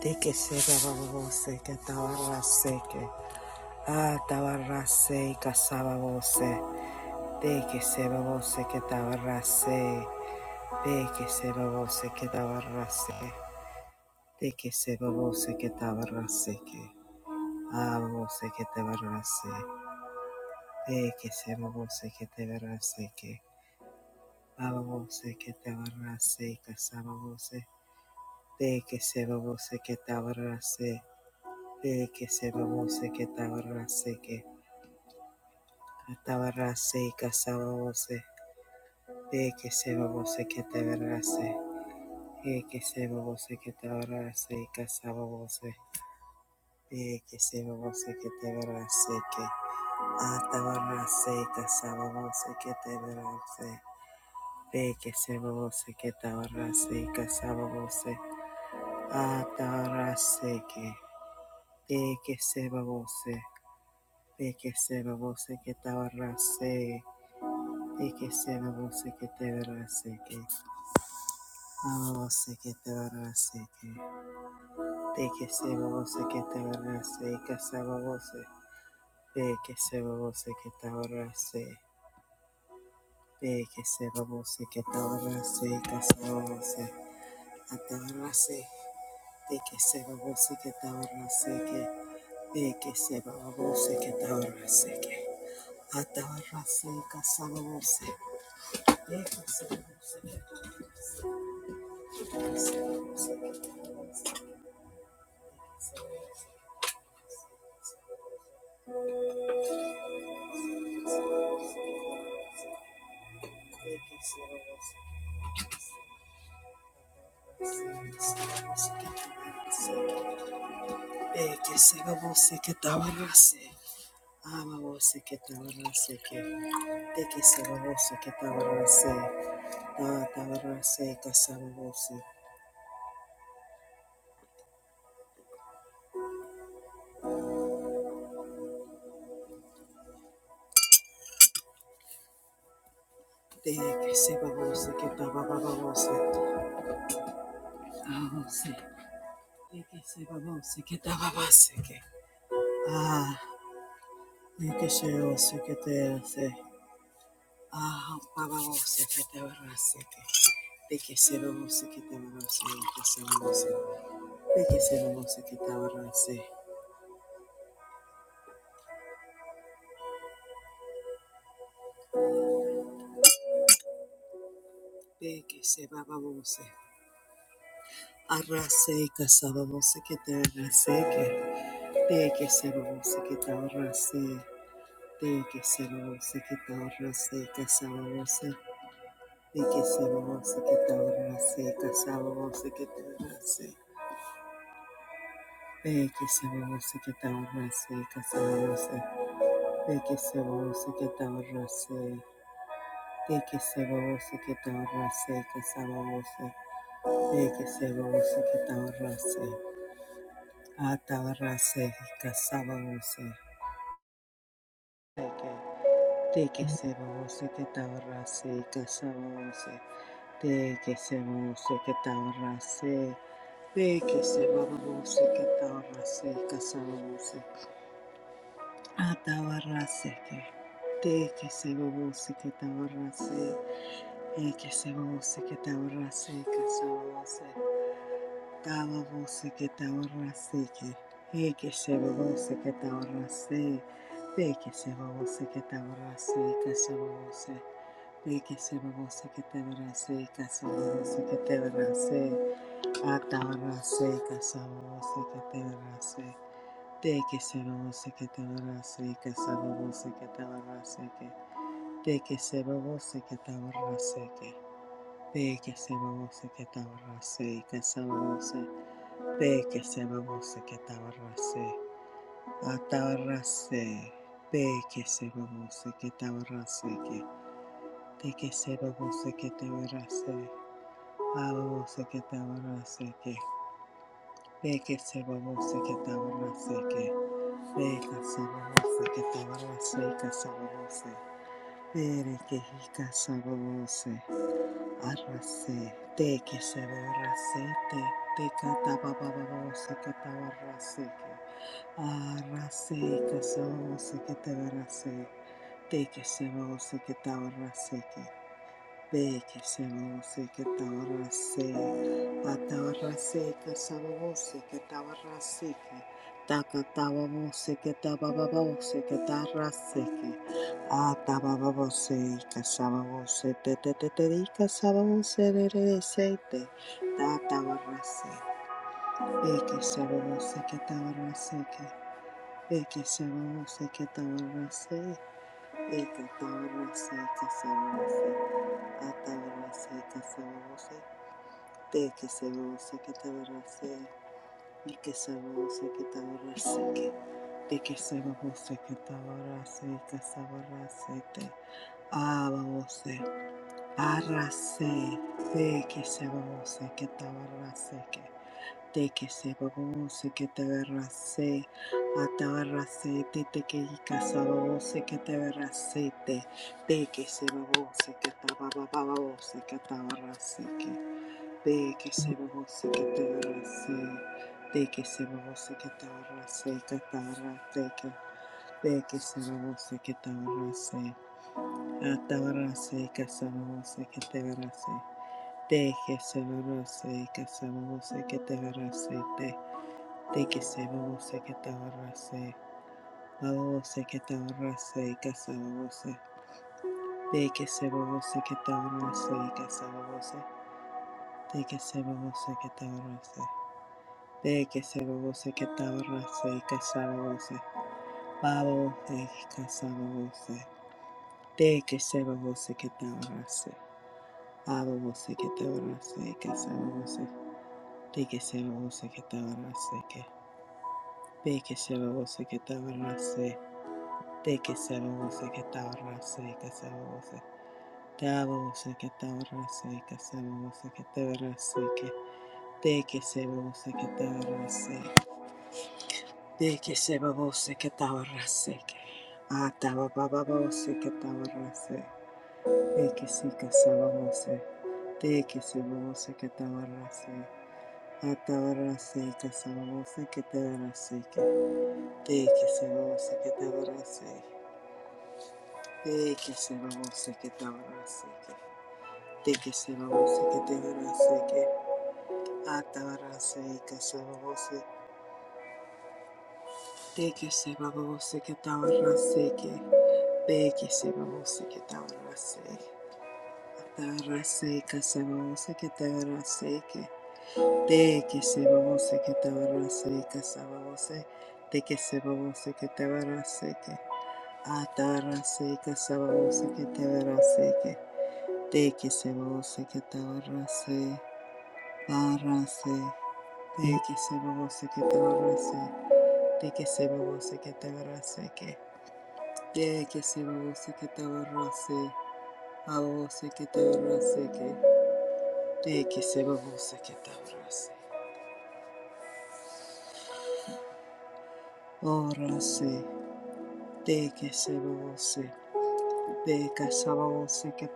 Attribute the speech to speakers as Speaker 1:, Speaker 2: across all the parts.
Speaker 1: Teke seba babo seke tawara seke. Ah, tawara se kasaba bose. Teke seba bose ke tawara se. Teke seba bose ke tawara se. Teke seba bose ke tawara que tabarrase. Ah, bose ke tawara se. Teke seba bose ke tawara seke. Ah, bose ke tawara se kasaba bose. Teke seba bose ke tawara se. Teke seba bose ke tawara seke. Atabarase y casabose, de que se babose que te verase, de que se babose que te verase y casabose, de que se babose que te verase que atabarase y casabose que te verase, de que se babose que te verase y casabose, atabarase que, de que se babose, de que se babose que te verase, de que se babose que te verase que a que te barase que te que se babose que te barase y que se babose de que se babose que te barase de que se babose que te barase y que se babose a te barase de que se babose que te barase que de que se babose que te barase que a te barase y que se babose de que se babose que te barase y Bababoseke, bababoseke. Deke sebaboseke, bababose. Kasababose. que sebaboseke, bababose. Deke sebaboseke, bababose. Kasababose. Atababose. Deke sebaboseke, bababoseke. Deke sebaboseke, bababoseke. Atababose. Kasababose. Deke sebaboseke, bababose. que sebaboseke, bababose. Ah, Lekesheo sekete se. Ah, baba wo sekete wo seke. Lekesheo wo sekete wo se. Lekesheo wo se. Lekesheo wo sekete wo se. Lekesheo baba wo se. Arase kasaba wo sekete wo seke. Lekesheo wo sekete wo se. Lekesheo wo sekete wo se kasaba wo se. Lekesheo wo sekete wo se kasaba wo sekete wo se. Peki se vamos a quitar rase, que se vamos a Peki se vamos a quitar rase, de que se vamos a quitar rase, que se vamos a Peki se vamos a quitar rase, ata rase, que se vamos a de que se vamos a quitar rase, que se vamos a de que se vamos a quitar rase, de que se vamos a quitar rase, que se Atabarrasete. Te que se babose que tabarrase. E que se babose que tabarrase que se babose. Tababose que tabarrase que. E que se babose que tabarrase. Te que se babose que tabarrase que se babose. Te que se babose que tabarrase que se babose que tabarrase. Atabarrase que se babose que tabarrase. De que se va você que te abrace y que se va você que te abrace que de que se va você que te abrace que de que se va você que te abrace y que se va você de que se va você que te abrace atarrace de que se va você que te abrace que de que se va você que te abrace a você que te abrace que de que se va você que te abrace que Vega sabose que tabarose que sabose. Pere que jica sabose. Arrase te que se verase te. Te catabababose que tabarase que. Arrase que sabose que te verase. Te que se vose que tabarase que. Be que se que tabarra se, a tabarra se que sabose que tabarra se que, taca tababose que tabababose que tarra se que, a tabababose y que sabose te te te te y que sabose de de de se te, ta tabarra se, be que sabose que tabarra se que, be que sabose que tabarra se, be que tabarra que sabose. Atabarase, Casabarase, de que se goce, que tabarase, y que se goce, que tabarase, que de que se goce, que tabarase, y casabarase, te ababose, arrase, de que se goce, que tabarase, que de que se goce, que tabarase, atabarase, te te que y casababose, que tabarase, te de que se goce, que tabarase, que tabarase, que De que se bobo que te se, de que se bobo se catarra se catarra se que, de que se bobo se catarra se, atarra se que se bobo que te se, de que se bobo se que se bobo se catarra se de, de que se bobo se catarra se, bobo se catarra se que se bobo de que se bobo se catarra se que se bobo de que se bobo que te se. De que se babose que tabarrase y casabose, babose y casabose, de que se babose que tabarrase, ababose que tabarrase y casabose, de que se babose que tabarrase que, de que se babose que tabarrase, de que se babose que tabarrase y casabose, de ababose que tabarrase y casabose que tabarrase que, de que se babose que tabarrase. Deke sebabose ke tawarase ke. Ataba bababose ke tawarase. Deke sika sababose. Deke sebabose que tawarase. Atawarase que sababose ke tawarase ke. Deke sebabose ke tawarase. Deke sebabose ke tawarase que Deke sebabose ke tabarrase ke. Atawarase ke sababose. Deke sebabose que tabarrase que. Beke sebabose ke taurase. Atarase ka sebabose ke taurase ke. Deke sebabose ke taurase ka sebabose. Deke sebabose ke taurase ke. Atarase ka sebabose ke taurase ke. Deke sebabose ke taurase. Parase. Deke sebabose ke taurase. Deke sebabose ke taurase ke. Deke sebabose ke taurase. Avo se que te abrace que te que se babose que te abrace. Ora se te que se babose te que se babose que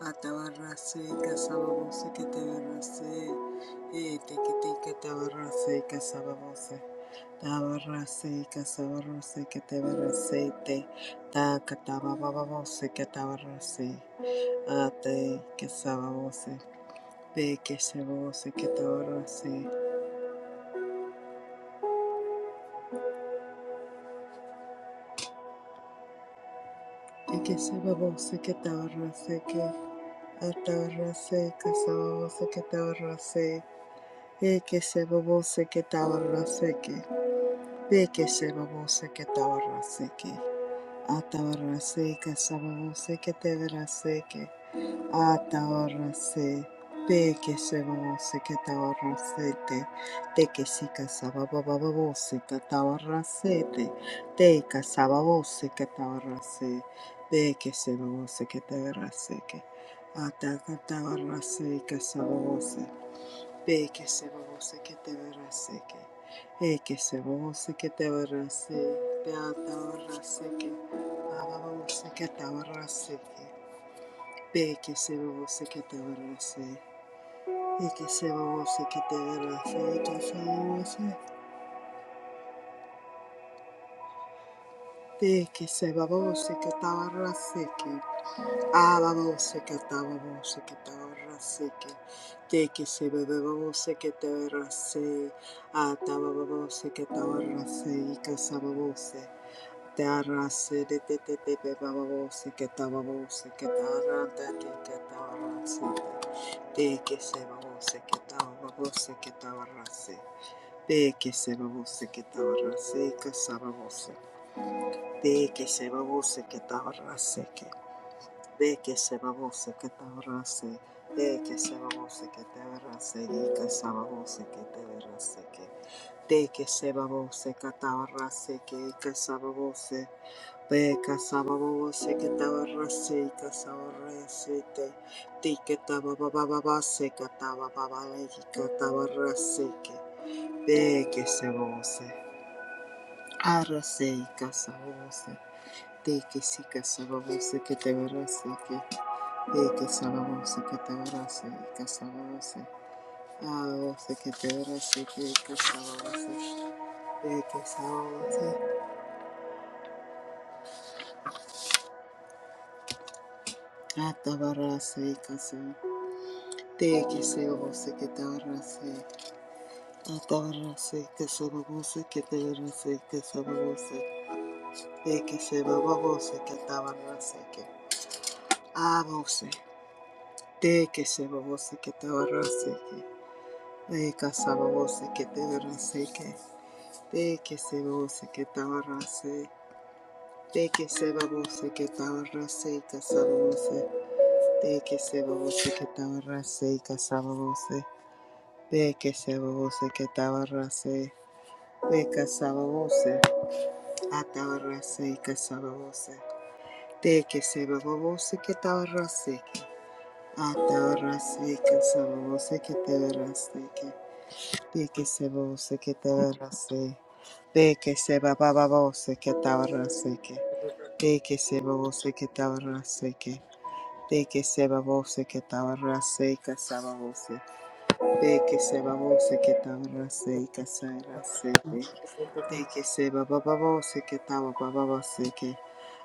Speaker 1: Atabarrase, casababose, que te verrase, eh, te que te que te abarrase, casababose, tabarrase, casabarrase, que te verrase, te, ta catabababose, que te abarrase, ate, casababose, pe que se babose, que te abarrase, te que se babose, que te abarrase, que atabarrase, casababose, que te abarrase, eh, que se babose, que te que. Seke sebabose que tabarraseke. Atabarraseka sababose que teberaseke. Atabarrase. Peke sebabose que tabarrasete. Teke sika sababababose que tabarrasete. Teka sababose que tabarrase. Peke sebabose que teberaseke. Ataka tabarraseka sababose. Be que se babose que te verase que. E que se que te verase. Beata verase que. Baba babose que te verase que. Be que se babose que te verase. E que se babose que te verase. E que se babose. Be que se babose que te verase que, Ababose que te abarrase que te que se bebe babose que te abarrase atababose que te abarrase y casababose te arrase de te te te bebe babose que te babose que te arrante que te abarrase te que se babose que te babose que te abarrase te que se Ababosekatababosekataraseke, tekesebebebabosekatarase, atabababosekatarase, ikasababose, tarase, detetetetebababoseketababoseketarandatetetabarase, tekesebabosekatababosekatarase, tekesebabosekatarase, ikasababose, tekesebabosekataraseke. Ve que se babose que te abrace, de que se babose que te abrace, y que se babose que te abrace, que de que se babose que te abrace, que y que se babose, ve que se babose que te abrace, y que se abrace, te ti que te babababase, que te bababale, y que te abrace, que de que se babose, arrace y que se babose, de que sí que se babose que te abrace, Eke sababose que te verase, eke sababose. Adobose que te verase, y que eke sababose. Eke sababose. Ata barase, eke se. Te eke sababose que te verase. Ata barase, eke sababose que te verase, que sababose. Eke sababose que te verase, que. Abose. Te eke sababose que te verase, que. de Eke sababose que te verase, que. Te eke sababose que te verase. De que se babose que tabarrase y casabose. De que se babose que tabarrase y casabose. De que se babose que tabarrase. De casabose. A tabarrase y casabose. De que se babose que tabarrase. A tabarrase y casabose que te verrase. De que se babose que te verrase. De que se babose que tabarrase. De que se babose que tabarrase. De que se babose que tabarrase y casababose. De que se babose que tabarrase y casarase. De que se bababose que tabababase que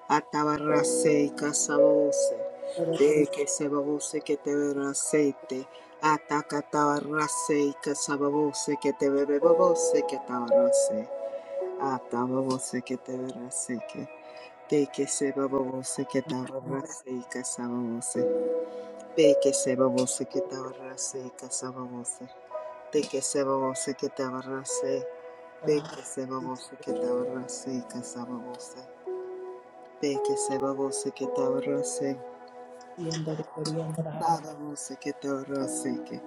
Speaker 1: atabarrase y casababose. De que se babose que te verraseite. Ataca tabarrase y casababose que te bebebabose que tabarrase. Atababose que te verrase que. De que se babose que tabarrase y casababose. De que se babose que te abarrase, que se babose. De que se babose que te abarrase. De que se babose que te abarrase, que se babose. De que se babose que te abarrase. Babose que te abarrase, que.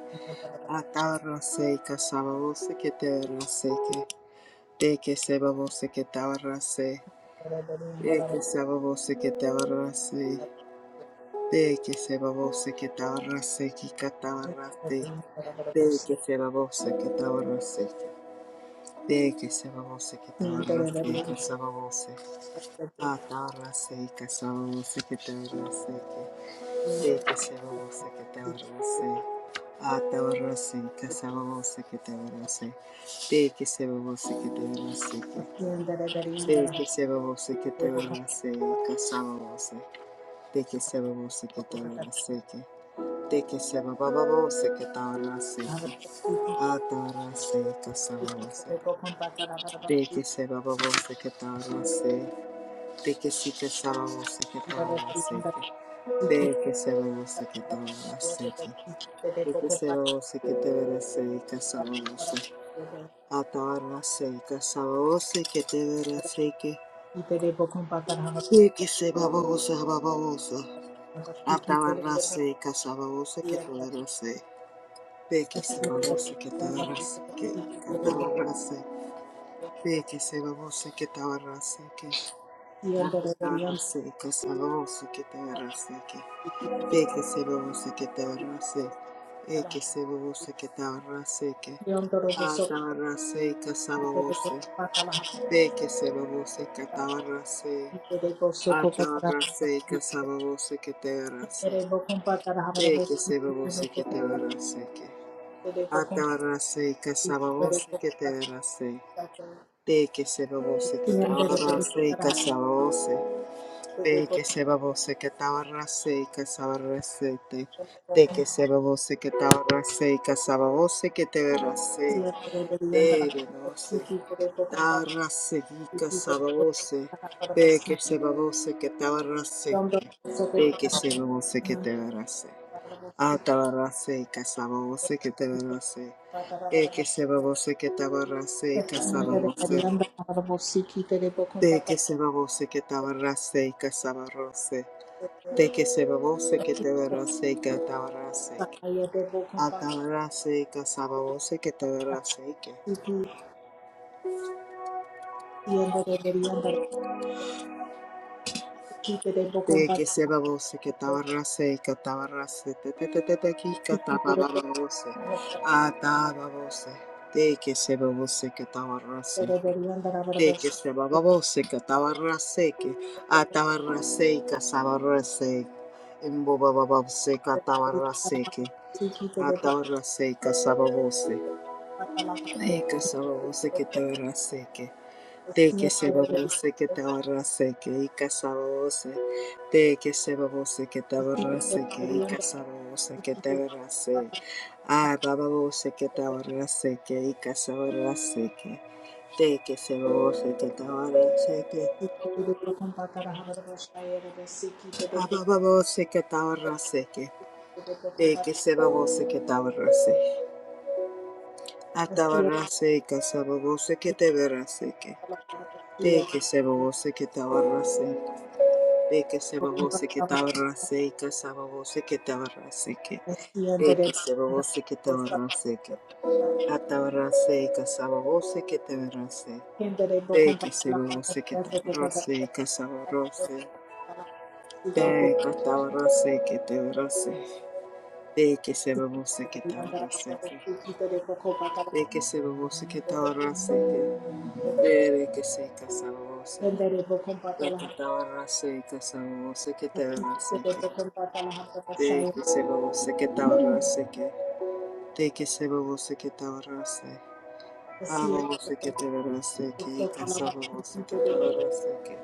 Speaker 1: Atabarrase, que se babose que te abarrase, que. De que se babose que te abarrase. De que se babose que te abarrase. De que se babose que te abarrase, que te abarrase. De que se babose que te abarrase. Teke savavose ketara seke savavose. Atara seke savavose ketara seke. Teke savavose ketara se. Atara seke savavose ketara se. Teke savavose ketara seke. Teke savavose ketara seke savavose. Teke savavose ketara seke. Teke savavose ketara seke. Atara seke savavose. De se baba voce que parla se, de si que sala voce que parla se, de que se baba voce que parla se, de que se baba voce que te verá se que sala voce, atarla se que sala voce que te verá se que, de se baba voce baba voce, atarla se que sala voce que te verá se, de que se baba voce que te verá se que, atarla se, de que se baba voce que te verá se ke. Tatarase, kesevose, ketarase, ke, te kesevose, ketarase, e kesevose, ketarase, ke, atarase, kesevose, te kesevose, ketarase, atarase, kesevose, ketarase, te kesevose, ketarase, ke, atarase, kesevose, ketarase, te kesevose, ketarase, kesevose. Te que se babose que tabarrase y casabarrase te. Te que se babose que tabarrase y casababose que te verrase. Te venose. Tarrase y casababose. Te que se babose que tabarrase. Te que se babose que te verrase. A tabarrase y casababose que te verrase. Te que se babose que tabarrase y casababose. Te que se babose que tabarrase y casabarrose. De que se babose que te verase que atabarase. Atabarase que sababose que te verase que. De que se babose que tabarase que tabarase. Te te te te te que catababose. Atababose. De que se babose que tabarase que. De que se babose que tabarase que. Atabarase que sabarase. Embobababose que tabarase que. Atabarase que sababose. Eke sababose que te verase que te que sababose que te verase que ica sababose te que sababose que te verase que ica sababose que te verase ah bababose que te verase que ica sababose que te que sababose que te verase que ah bababose que te verase que te que sababose que te verase ah te verase ica sababose que te ora se que Teke seba vose que te abarrase. Teke seba vose que te abarrase. Y casaba vose que te abarrase. Que. Teke seba vose que te abarrase. Que. Atabarrase y casaba vose que te abarrase. Teke seba vose que te abarrase. Y casaba vose. Teke atabarrase que te abarrase. Teke seba vose que te abarrase. Que. Teke seba vose que te abarrase. Que. Tere que se casaba vose. Teke atabarrase y casaba vose que te que. Te que se babose que tabarrase que, te que se babose que tabarrase, a babose que te verase que, y casa babose que tabarrase que,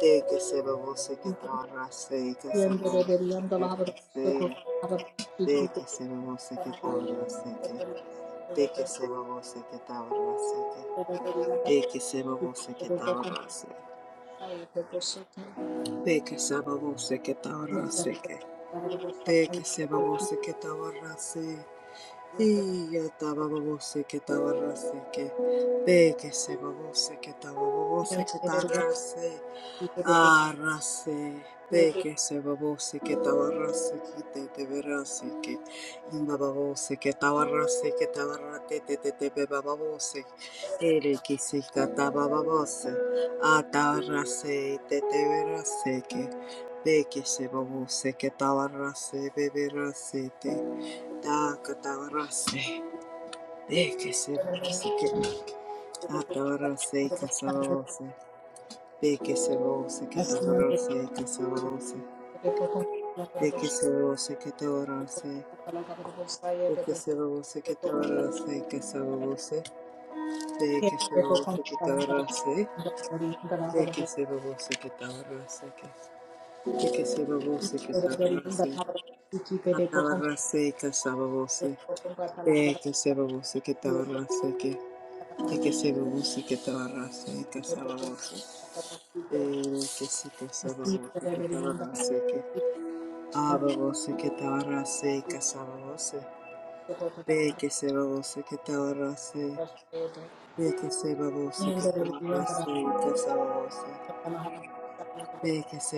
Speaker 1: te que se babose que tabarrase, y casa babose que te verase, te que se babose que tabarrase que, te que se babose que tabarrase que, te que se babose que tabarrase, te que se babose que tabarrase que, te que se babose que tabarrase, Yata babose que tabarrase que de que se babose que tababose que tarrase arrase de que se babose que tabarrase que te te verase que imbabose que tabarrase que tabarrate te te te babose ere que se tababose atarrase te te verase que de que se babose que tabarrase beberase te da catabarrase. De que se vose que adorose y casabose. de que se vose que te adorose y casalose, de que se vose que te adorose, de que se vose que te adorose y casalose, de que se vose que te adorose, de que se vose que te adorose, de que se vose que te adorose, adorose y casalose, de que se vose que te adorose, de que se vose que te adorose y casalose. Te que se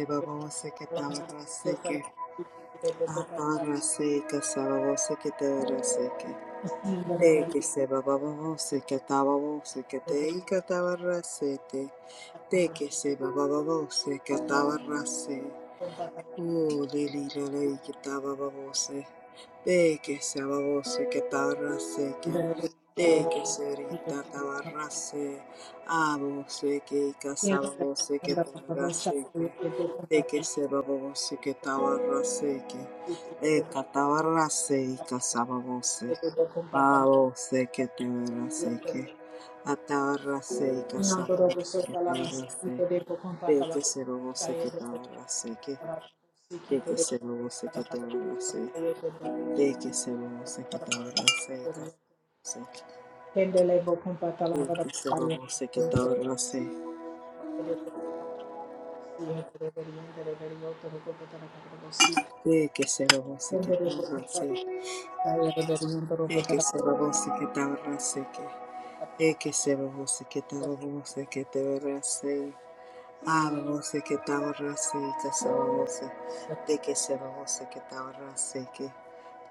Speaker 1: bababose, que estaba rase. Oh, lili lili kitaba babose, beke se babose kitara seke, deke serita tabarrase, abose que casabose que tabarraseke, deke se babose que tabarraseke, de catabarrase y casabose, babose que tabarraseke, atabarrase y casabose que tabarrase, deke se babose que tabarraseke. De que se lo se que te lo se, de que se lo se que te lo se, de que se lo se que te lo se, de que se lo se que te lo se, de que se lo se que te lo se de que se lo se que te lo se ah lo se que te se que se lo se, de que se lo se que te lo se que,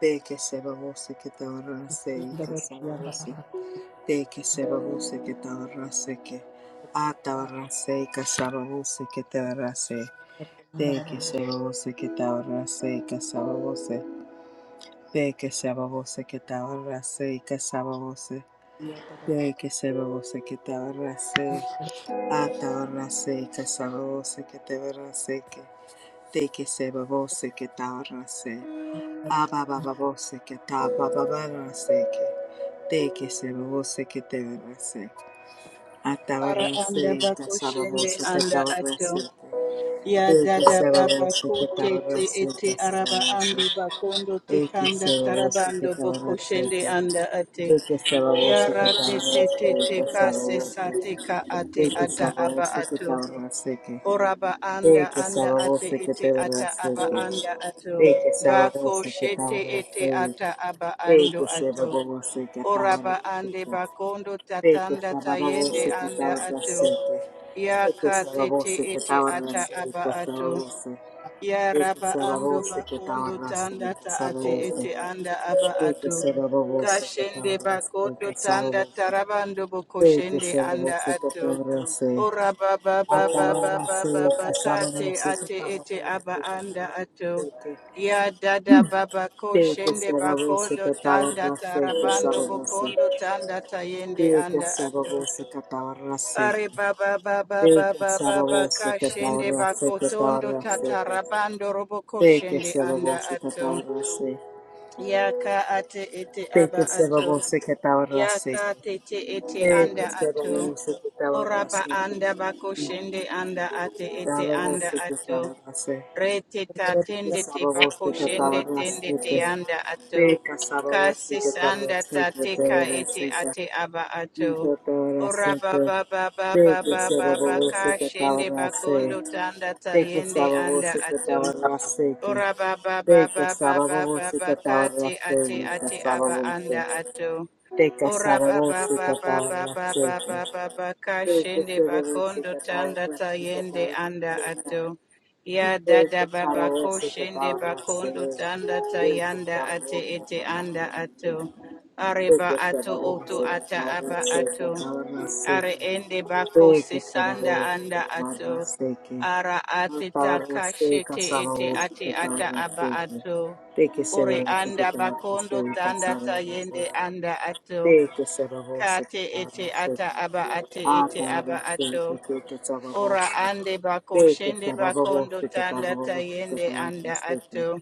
Speaker 1: de que se lo se que te se que se lo se. Te que se babuse que te abarrase que atabarrase y casababuse que te abarrase. Te que se babuse que te abarrase y casababuse. Te que se babuse que te abarrase y casababuse. Te que se babuse que te abarrase atabarrase y casababuse que te abarrase que. Te que se babuse que te abarrase. Ababababuse que te que. Te que que te
Speaker 2: Ara anda
Speaker 1: Atabarrosete,
Speaker 2: bako shende
Speaker 1: tasabarrosete,
Speaker 2: anda ato.
Speaker 1: tabarrosete.
Speaker 2: Ya
Speaker 1: Ete
Speaker 2: dada baba ko
Speaker 1: sabarrosete,
Speaker 2: tete
Speaker 1: tabarrosete,
Speaker 2: ete araba ando
Speaker 1: tasabarrosete.
Speaker 2: bakondo
Speaker 1: Ete
Speaker 2: tekanda
Speaker 1: sabarrosete,
Speaker 2: tarabando boko shende
Speaker 1: tabarrosete.
Speaker 2: anda ate.
Speaker 1: Ete
Speaker 2: Ya
Speaker 1: sabarrosete,
Speaker 2: ra te te te
Speaker 1: tabarrosete,
Speaker 2: te ka se sa
Speaker 1: tasabarrosete.
Speaker 2: te ka ate
Speaker 1: Ete
Speaker 2: ata aba
Speaker 1: sabarrosete,
Speaker 2: ato.
Speaker 1: tabarrosete.
Speaker 2: Oraba anda
Speaker 1: Ete
Speaker 2: anda ate
Speaker 1: sabarrosete,
Speaker 2: ete ata aba anda ato. Bako shete ete ata aba ando ato. Oraba ande bakondo
Speaker 1: Pete
Speaker 2: tatanda
Speaker 1: saraba
Speaker 2: tayende
Speaker 1: voce che tava
Speaker 2: anda ato.
Speaker 1: rasente.
Speaker 2: Ya
Speaker 1: Pete
Speaker 2: ka
Speaker 1: saraba
Speaker 2: tete
Speaker 1: voce che
Speaker 2: ete
Speaker 1: tava
Speaker 2: ata
Speaker 1: rasente,
Speaker 2: aba
Speaker 1: saraba
Speaker 2: ato.
Speaker 1: voce.
Speaker 2: Ya
Speaker 1: Pete
Speaker 2: raba
Speaker 1: saraba
Speaker 2: ando
Speaker 1: voce che tava
Speaker 2: bakondo tanda
Speaker 1: rasente,
Speaker 2: ta
Speaker 1: saraba
Speaker 2: ate ete
Speaker 1: voce.
Speaker 2: anda aba
Speaker 1: Pete
Speaker 2: ato.
Speaker 1: saraba voce che tava
Speaker 2: Kashende
Speaker 1: rasente,
Speaker 2: bakondo
Speaker 1: saraba
Speaker 2: tanda
Speaker 1: voce.
Speaker 2: tarabando
Speaker 1: Pete
Speaker 2: bokoshende
Speaker 1: saraba
Speaker 2: anda
Speaker 1: voce che
Speaker 2: ato.
Speaker 1: tava rasente.
Speaker 2: Ora ba baba baba
Speaker 1: Atava
Speaker 2: baba ba
Speaker 1: rasente, saraba
Speaker 2: kate
Speaker 1: voce che
Speaker 2: ate
Speaker 1: tava
Speaker 2: ete aba
Speaker 1: rasente.
Speaker 2: anda
Speaker 1: saraba
Speaker 2: ato.
Speaker 1: voce.
Speaker 2: Ya dada baba
Speaker 1: Pete
Speaker 2: koshende shende
Speaker 1: saraba voce
Speaker 2: bakondo
Speaker 1: che tava
Speaker 2: tanda
Speaker 1: rasente,
Speaker 2: tarabando
Speaker 1: saraba
Speaker 2: bokondo
Speaker 1: voce.
Speaker 2: tanda tayende
Speaker 1: Pete
Speaker 2: anda
Speaker 1: saraba
Speaker 2: ato.
Speaker 1: voce che tava
Speaker 2: Are
Speaker 1: rasente.
Speaker 2: baba baba
Speaker 1: Take a
Speaker 2: baba baba
Speaker 1: sababo se
Speaker 2: kashende
Speaker 1: catarra se
Speaker 2: bakotondo
Speaker 1: catarra se
Speaker 2: tatarabando roboko
Speaker 1: Take a
Speaker 2: shende
Speaker 1: sababo
Speaker 2: anda
Speaker 1: se
Speaker 2: ato.
Speaker 1: catarra se
Speaker 2: Yaka ate ete
Speaker 1: Take a
Speaker 2: aba
Speaker 1: sababo
Speaker 2: ato.
Speaker 1: se catarra se
Speaker 2: Yaka tete ete
Speaker 1: Take a
Speaker 2: anda ato.
Speaker 1: sababo se catarra se
Speaker 2: Oraba anda bako shende anda ate ete
Speaker 1: Sababo
Speaker 2: anda
Speaker 1: se take.
Speaker 2: ato.
Speaker 1: se
Speaker 2: Rete ta tende te
Speaker 1: Sababo
Speaker 2: bako
Speaker 1: se
Speaker 2: shende
Speaker 1: catarra
Speaker 2: tende
Speaker 1: se
Speaker 2: te anda ato.
Speaker 1: Take a sababo se
Speaker 2: Kasi
Speaker 1: catarra
Speaker 2: sanda
Speaker 1: se
Speaker 2: ta teka
Speaker 1: catarra
Speaker 2: ete
Speaker 1: se
Speaker 2: ate aba ato.
Speaker 1: Catarra
Speaker 2: Ora
Speaker 1: se
Speaker 2: ba ba ba ba ba
Speaker 1: Take a
Speaker 2: ba ba ba
Speaker 1: sababo se
Speaker 2: ka shende
Speaker 1: catarra
Speaker 2: bakondo
Speaker 1: se
Speaker 2: tanda ta
Speaker 1: Take a
Speaker 2: yende
Speaker 1: sababo
Speaker 2: anda
Speaker 1: se
Speaker 2: ato.
Speaker 1: catarra se
Speaker 2: Ora ba ba
Speaker 1: Te
Speaker 2: ba ba ba
Speaker 1: casaba
Speaker 2: ba ba
Speaker 1: vos y
Speaker 2: ba
Speaker 1: cataba
Speaker 2: ka te
Speaker 1: raste,
Speaker 2: ate ate
Speaker 1: casaba
Speaker 2: aba
Speaker 1: vos.
Speaker 2: anda ato.
Speaker 1: Te
Speaker 2: Ora
Speaker 1: casaba
Speaker 2: ba
Speaker 1: vos
Speaker 2: ba
Speaker 1: y
Speaker 2: ba ba
Speaker 1: cataba
Speaker 2: ba ba
Speaker 1: raste.
Speaker 2: ba ba ba ba ka
Speaker 1: Te
Speaker 2: shende
Speaker 1: casaba vos y
Speaker 2: bakondo
Speaker 1: cataba
Speaker 2: tanda
Speaker 1: raste,
Speaker 2: tayende anda
Speaker 1: take a
Speaker 2: ato. Ya
Speaker 1: Te
Speaker 2: dada
Speaker 1: casaba
Speaker 2: baba
Speaker 1: vos
Speaker 2: ko
Speaker 1: y
Speaker 2: shende
Speaker 1: cataba raste.
Speaker 2: bakondo tanda
Speaker 1: Te
Speaker 2: tayanda
Speaker 1: casaba
Speaker 2: ate
Speaker 1: vos y
Speaker 2: ete
Speaker 1: cataba
Speaker 2: anda ato.
Speaker 1: raste. Thank
Speaker 2: Areba
Speaker 1: you for
Speaker 2: ato
Speaker 1: the voice
Speaker 2: oto
Speaker 1: of the
Speaker 2: ata
Speaker 1: power of
Speaker 2: aba
Speaker 1: sake, the
Speaker 2: ato.
Speaker 1: power of
Speaker 2: Are
Speaker 1: sake.
Speaker 2: ende bako
Speaker 1: Thank you for the
Speaker 2: sesanda
Speaker 1: voice
Speaker 2: anda
Speaker 1: of the power of
Speaker 2: ato.
Speaker 1: sake.
Speaker 2: Ara
Speaker 1: The
Speaker 2: ate
Speaker 1: power of
Speaker 2: taka
Speaker 1: sake, the
Speaker 2: ete
Speaker 1: power of sake,
Speaker 2: ate
Speaker 1: the
Speaker 2: ata
Speaker 1: power of
Speaker 2: aba
Speaker 1: sake.
Speaker 2: ato.
Speaker 1: Thank you
Speaker 2: Ore
Speaker 1: Sarah, for the voice of the
Speaker 2: anda
Speaker 1: power of
Speaker 2: bakondo tanda
Speaker 1: sake, the power
Speaker 2: tayende
Speaker 1: of sake.
Speaker 2: anda ato.
Speaker 1: Thank you Sarah, for the voice
Speaker 2: Kate ete ata aba ate ete aba
Speaker 1: of
Speaker 2: ato.
Speaker 1: the power of
Speaker 2: Ora
Speaker 1: sake.
Speaker 2: ande bako
Speaker 1: De que se
Speaker 2: shende
Speaker 1: babó,
Speaker 2: bakondo
Speaker 1: se que
Speaker 2: tanda
Speaker 1: babó, se que
Speaker 2: tayende
Speaker 1: babó,
Speaker 2: anda
Speaker 1: se que
Speaker 2: ato.